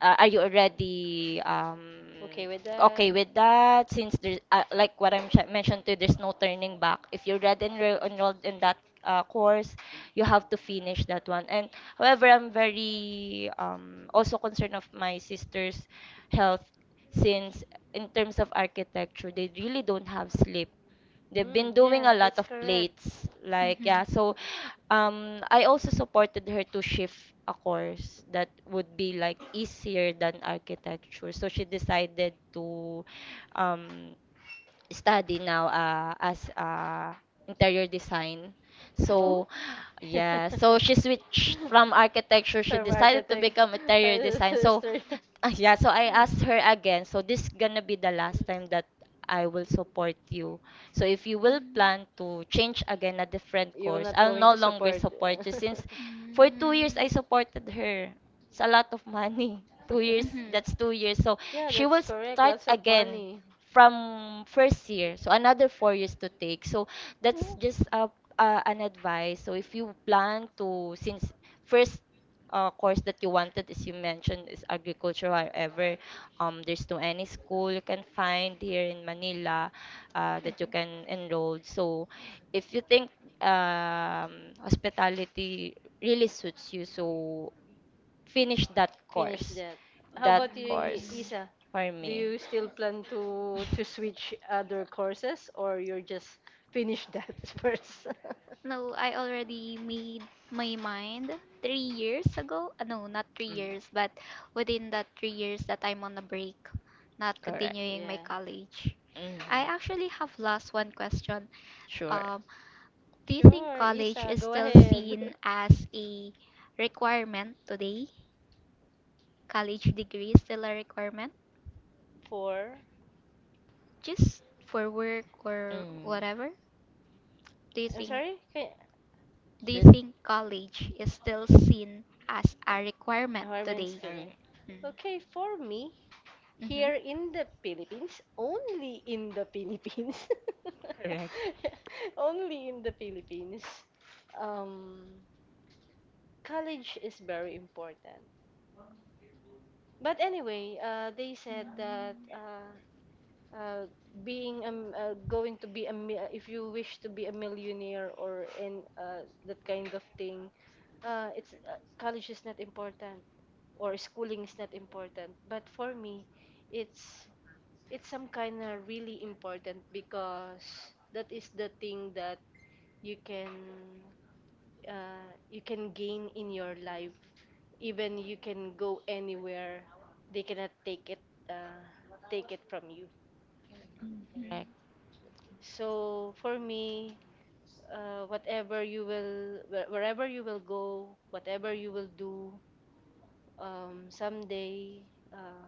Speaker 2: are you already
Speaker 1: Okay with that.
Speaker 2: okay with that? Since there's like what I mentioned to you, there's no turning back. If you're already enrolled in that course, you have to finish that one. And however, I'm very also concerned of my sister's health since in terms of architecture, they really don't have sleep. They've
Speaker 1: Mm,
Speaker 2: been doing
Speaker 1: yeah,
Speaker 2: a lot
Speaker 1: that's
Speaker 2: of
Speaker 1: correct.
Speaker 2: plates. Yeah. So, I also supported her to shift a course that would be like easier than architecture. So she decided to um, study now as interior design.
Speaker 1: Wow.
Speaker 2: So,
Speaker 3: Oh.
Speaker 2: yeah, so she
Speaker 1: [LAUGHS]
Speaker 2: switched
Speaker 1: From
Speaker 2: from
Speaker 1: architect.
Speaker 2: architecture. She decided to become interior
Speaker 1: [LAUGHS]
Speaker 2: design. So,
Speaker 1: Sister.
Speaker 2: uh, yeah, so I asked her again. So, this gonna be the last time that I will support you. So, if you will plan to change again a different
Speaker 1: You will
Speaker 2: course,
Speaker 1: not
Speaker 2: I'll
Speaker 1: going
Speaker 2: no
Speaker 1: to
Speaker 2: longer
Speaker 1: support.
Speaker 2: support you
Speaker 1: [LAUGHS]
Speaker 2: since
Speaker 3: Mm.
Speaker 2: for 2 years I
Speaker 3: Mm.
Speaker 2: supported her. It's a lot of money. [LAUGHS] 2 years,
Speaker 3: Mhm.
Speaker 2: that's 2 years. So,
Speaker 1: Yeah,
Speaker 2: she
Speaker 1: that's
Speaker 2: will
Speaker 1: correct,
Speaker 2: start
Speaker 1: lots of
Speaker 2: again
Speaker 1: money.
Speaker 2: from first year. So another 4 years to take. So that's
Speaker 3: Oh.
Speaker 2: just a, uh, an advice. So if you plan to, since first course that you wanted, as you mentioned, is agriculture. However, there's no any school you can find here in Manila that you can enroll. So if you think hospitality really suits you, so finish that
Speaker 1: Finish
Speaker 2: course.
Speaker 1: that. How
Speaker 2: That
Speaker 1: about you,
Speaker 2: course
Speaker 3: Mm.
Speaker 1: Isa?
Speaker 2: for
Speaker 1: Do
Speaker 2: me.
Speaker 1: you still plan to switch
Speaker 2: [LAUGHS]
Speaker 1: other courses, or you're just finish that [LAUGHS] first? [LAUGHS]
Speaker 3: No, I already made my mind 3 years ago. No, not three
Speaker 2: Mm.
Speaker 3: years, but within that 3 years that I'm on a break, not
Speaker 2: Correct.
Speaker 3: continuing my
Speaker 1: Yeah.
Speaker 3: college. I
Speaker 2: Mm-hmm.
Speaker 3: actually have lost one question.
Speaker 2: Sure.
Speaker 3: Um, Do you think
Speaker 1: Sure,
Speaker 3: college
Speaker 1: Isa,
Speaker 3: is
Speaker 1: go
Speaker 3: still
Speaker 1: ahead.
Speaker 3: seen
Speaker 1: [LAUGHS]
Speaker 3: as a requirement today? College degree is still a requirement
Speaker 1: Four.
Speaker 3: just for work or
Speaker 2: Mm.
Speaker 3: whatever? Do you
Speaker 1: I'm
Speaker 3: think
Speaker 1: sorry? Can,
Speaker 3: do you
Speaker 2: Just.
Speaker 3: think college is still seen as a requirement
Speaker 1: requirements
Speaker 3: today?
Speaker 1: today.
Speaker 2: Mm.
Speaker 1: Okay, for me,
Speaker 3: Mm-hmm.
Speaker 1: here in the Philippines, only in the Philippines, [LAUGHS]
Speaker 2: Correct.
Speaker 1: only in the Philippines, um, college is very important. But anyway, they
Speaker 3: Mm-hmm.
Speaker 1: said that, uh, being going to be a mi- if you wish to be a millionaire, or in that kind of thing, it's college is not important, or schooling is not important, but for me, it's it's some kind of really important, because that is the thing that you can you can gain in your life. Even you can go anywhere, they cannot take it, uh, take it from you.
Speaker 3: Mm-hmm. Mm-hmm. Mm-hmm.
Speaker 2: Correct.
Speaker 1: So for me, whatever you will, wh- wherever you will go, whatever you will do, someday, uh,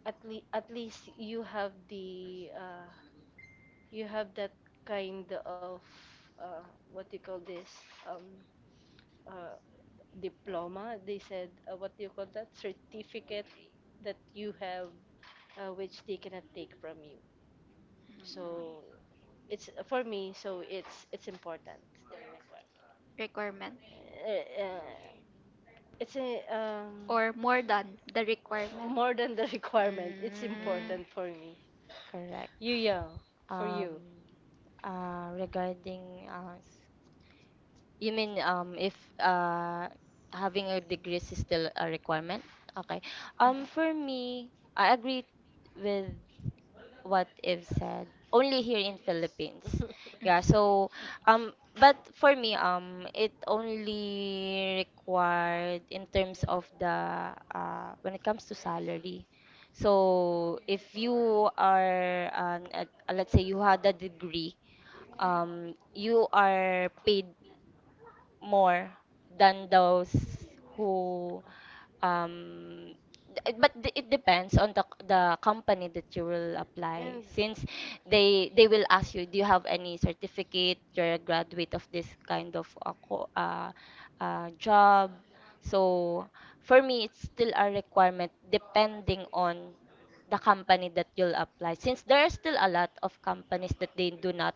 Speaker 1: at least you have the, you have that kind of, what you call this, um, uh, diploma. They said, what do you call that, certificate that you have, which they cannot take from you. So it's for me. So it's important.
Speaker 3: Requirement.
Speaker 1: uh, uh, it's a, um,
Speaker 3: Or more than the requirement.
Speaker 1: more than the [LAUGHS] requirement. It's
Speaker 2: Mm,
Speaker 1: important
Speaker 3: Mm,
Speaker 1: for me.
Speaker 2: correct.
Speaker 1: You, Young, for
Speaker 2: Um,
Speaker 1: you.
Speaker 2: regarding You mean if uh having a degree is still a requirement? Okay. For me, I agree with what Eve said. Only here in Philippines.
Speaker 1: [LAUGHS]
Speaker 2: Yeah, so but for me, it only required in terms of the when it comes to salary. So if you are an, let's say you had a degree, you are paid more than those who, um it depends on the company that you will apply,
Speaker 1: And
Speaker 2: since they will ask you, do you have any certificate, you're a graduate of this kind of job. So for me, it's still a requirement depending on the company that you'll apply, since there are still a lot of companies that they do not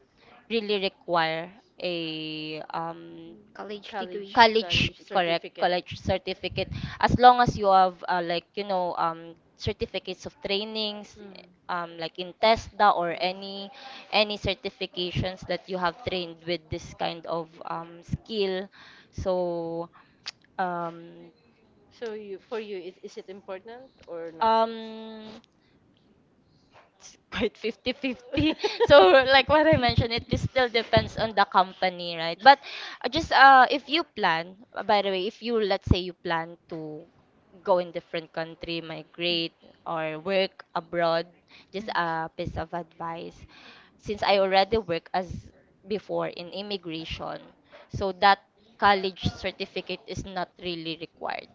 Speaker 2: really require a
Speaker 3: college degree.
Speaker 1: college
Speaker 2: college, correct,
Speaker 1: certificate. Mm.
Speaker 2: college certificate, as long as you have like, you know, certificates of trainings, like in TESDA, or any certifications that you have trained with this kind of skill. so um
Speaker 1: So you, for you, is it important or not? [LAUGHS]
Speaker 2: um it's quite 50-50. [LAUGHS] So like what I mentioned, it just still depends on the company, right? But just if you plan, by the way, if you, let's say, you plan to go in different country, migrate or work abroad, just a piece of advice. Since I already work as before in immigration, so that college certificate is not really required.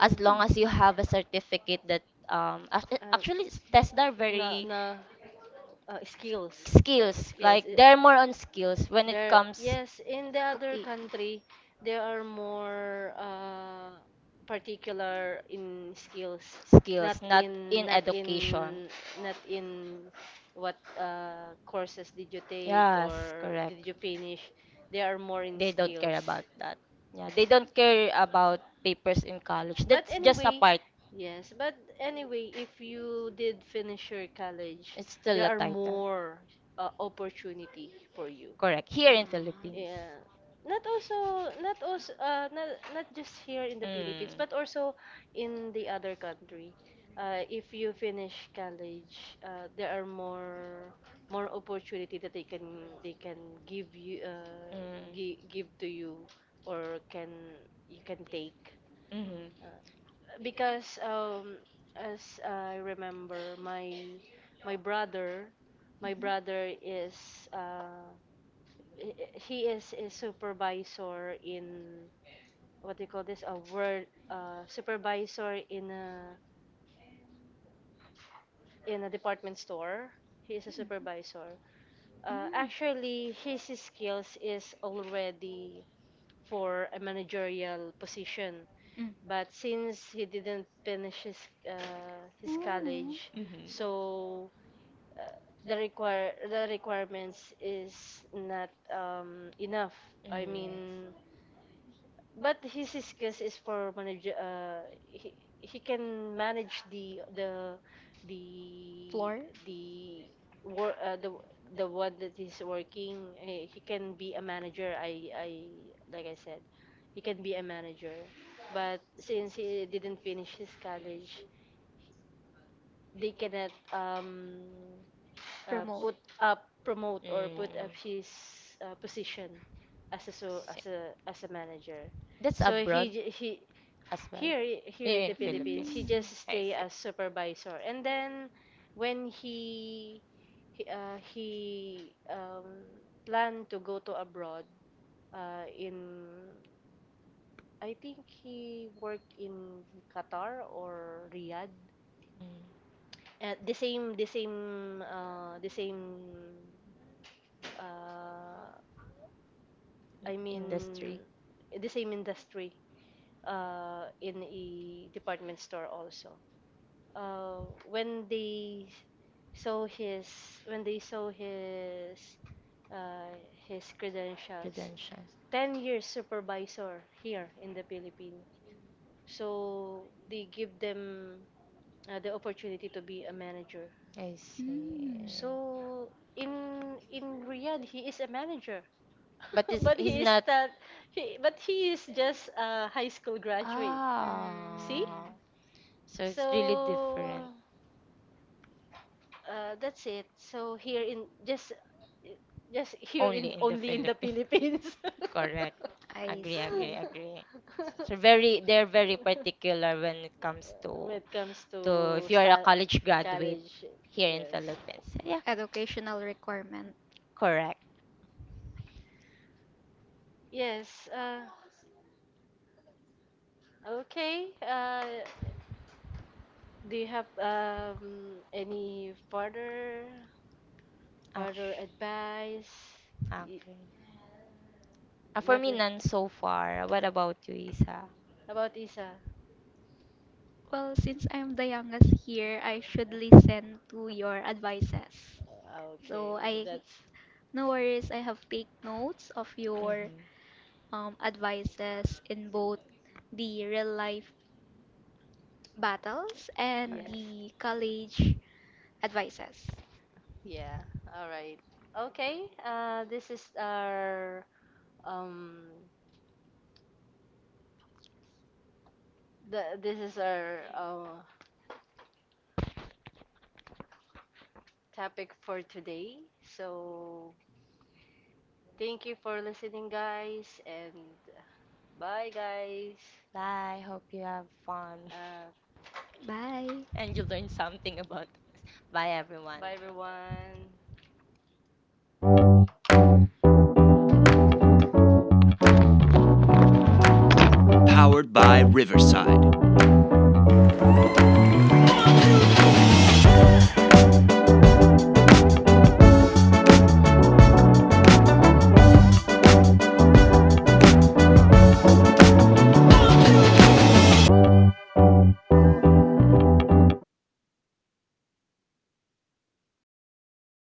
Speaker 2: As long as you have a certificate that
Speaker 1: Uh,
Speaker 2: actually tests are
Speaker 1: no,
Speaker 2: very
Speaker 1: no. Skills.
Speaker 2: skills,
Speaker 1: Skills.
Speaker 2: like they're more on skills when it comes.
Speaker 1: Yes, in the other
Speaker 3: Cooking.
Speaker 1: country there are more, particular in skills, in not
Speaker 2: Skills, not in education.
Speaker 1: not in what courses did you take
Speaker 2: Yes,
Speaker 1: or did you
Speaker 2: correct,
Speaker 1: finish. They are more in
Speaker 2: they don't
Speaker 1: skills.
Speaker 2: care about that. Yeah, they don't care about papers in college,
Speaker 1: But
Speaker 2: that's just
Speaker 1: anyway,
Speaker 2: a part.
Speaker 1: yes, but anyway, if you did finish your college,
Speaker 2: It's
Speaker 1: there
Speaker 2: still a
Speaker 1: are
Speaker 2: title.
Speaker 1: more opportunity for you.
Speaker 2: Correct, here
Speaker 3: Mm.
Speaker 2: in Philippines.
Speaker 1: Yeah. Not also Not also, not just here in the Philippines,
Speaker 2: Mm.
Speaker 1: but also in the other country. If you finish college, there are more opportunity that they can give you,
Speaker 2: Mm.
Speaker 1: give to you, or can you can take.
Speaker 2: Mm-hmm.
Speaker 1: Uh, because as I remember, my brother my
Speaker 3: Mhm. Mm,
Speaker 1: brother is, uh he is a supervisor in, what do you call this, a word supervisor in a department store. He is a supervisor. Actually, his skills is already for a managerial position.
Speaker 3: mm.
Speaker 1: But since he didn't finish uh, his college,
Speaker 3: Mm.
Speaker 2: Mm-hmm.
Speaker 1: so uh, the requirements is not, enough. I
Speaker 2: Mm.
Speaker 1: mean, but his skills is for manage. He can manage the
Speaker 3: Floor,
Speaker 1: the work. The one that is working. He can be a manager. I Like I said, he can be a manager. But since he didn't finish his college, they cannot, put
Speaker 3: remote.
Speaker 1: up promote or put up
Speaker 2: Mm.
Speaker 1: his, position as a, as
Speaker 2: Si-
Speaker 1: a as a manager.
Speaker 2: That's
Speaker 1: So
Speaker 2: abroad
Speaker 1: he,
Speaker 2: as well?
Speaker 1: here in the
Speaker 2: Here in
Speaker 1: Philippines, he
Speaker 2: Philippines.
Speaker 1: just stay
Speaker 2: I
Speaker 1: as
Speaker 2: see.
Speaker 1: supervisor, and then when he planned to go to abroad, in, I think he worked in Qatar or Riyadh,
Speaker 2: Mm.
Speaker 1: the same. Uh, I mean,
Speaker 2: Industry.
Speaker 1: the same industry. In a department store also. Uh, when they saw his, when they saw uh, his credentials,
Speaker 2: Credentials.
Speaker 1: 10 years supervisor here in the Philippines. So they give them the opportunity to be a manager.
Speaker 2: I
Speaker 3: Mm.
Speaker 2: see.
Speaker 1: So in Riyadh, he is a
Speaker 3: Mm.
Speaker 1: manager, but [LAUGHS]
Speaker 2: But
Speaker 1: is but
Speaker 2: it's,
Speaker 1: he is
Speaker 2: he's
Speaker 1: not.
Speaker 2: not.
Speaker 1: Not. He But he is just a high school graduate. See,
Speaker 3: Mm,
Speaker 2: Ah.
Speaker 1: so it's really
Speaker 2: So it's really
Speaker 1: so different.
Speaker 2: different.
Speaker 1: That's it. So here in just here in
Speaker 2: Only in the
Speaker 1: only in the
Speaker 2: Philippines.
Speaker 1: Philippines.
Speaker 2: [LAUGHS]
Speaker 1: Correct.
Speaker 2: Correct.
Speaker 3: I
Speaker 2: Agree,
Speaker 1: [LAUGHS]
Speaker 2: agree,
Speaker 3: see.
Speaker 2: agree.
Speaker 1: So
Speaker 2: So very,
Speaker 1: they're
Speaker 2: they're
Speaker 1: very
Speaker 2: very
Speaker 1: particular
Speaker 2: particular when it comes
Speaker 1: when it
Speaker 2: to
Speaker 1: comes to,
Speaker 2: to
Speaker 1: [LAUGHS] when it comes to you are a
Speaker 2: if
Speaker 1: sta
Speaker 2: you are a
Speaker 1: college
Speaker 2: college
Speaker 1: graduate,
Speaker 2: graduate
Speaker 1: here
Speaker 2: here in Philippines.
Speaker 1: in,
Speaker 2: So, yeah,
Speaker 3: Educational requirement.
Speaker 2: correct.
Speaker 1: yes, Philippines. Yes. Okay. Do you have any further, further
Speaker 2: Actu-
Speaker 1: advice? Y-
Speaker 2: Okay. For
Speaker 1: Nothing.
Speaker 2: me, none so far. What about you, Isa?
Speaker 1: How about Isa?
Speaker 3: Well, since I'm the youngest here, I should listen to your advices.
Speaker 1: Okay,
Speaker 3: So I,
Speaker 1: that's,
Speaker 3: no worries, I have take notes of your
Speaker 2: Mm-hmm.
Speaker 3: advices in both the real life battles and
Speaker 1: yes.
Speaker 2: Correct.
Speaker 3: the college advices.
Speaker 1: Yeah. All right. Okay. This is our, um The, this is our uh, topic for today. So, thank you for listening, guys, and bye, guys.
Speaker 2: Bye. Hope you have fun
Speaker 1: Uh,
Speaker 2: [LAUGHS]
Speaker 3: Bye.
Speaker 2: and you learn something about us.
Speaker 1: bye,
Speaker 2: Bye,
Speaker 1: everyone. Bye,
Speaker 2: everyone.
Speaker 1: everyone.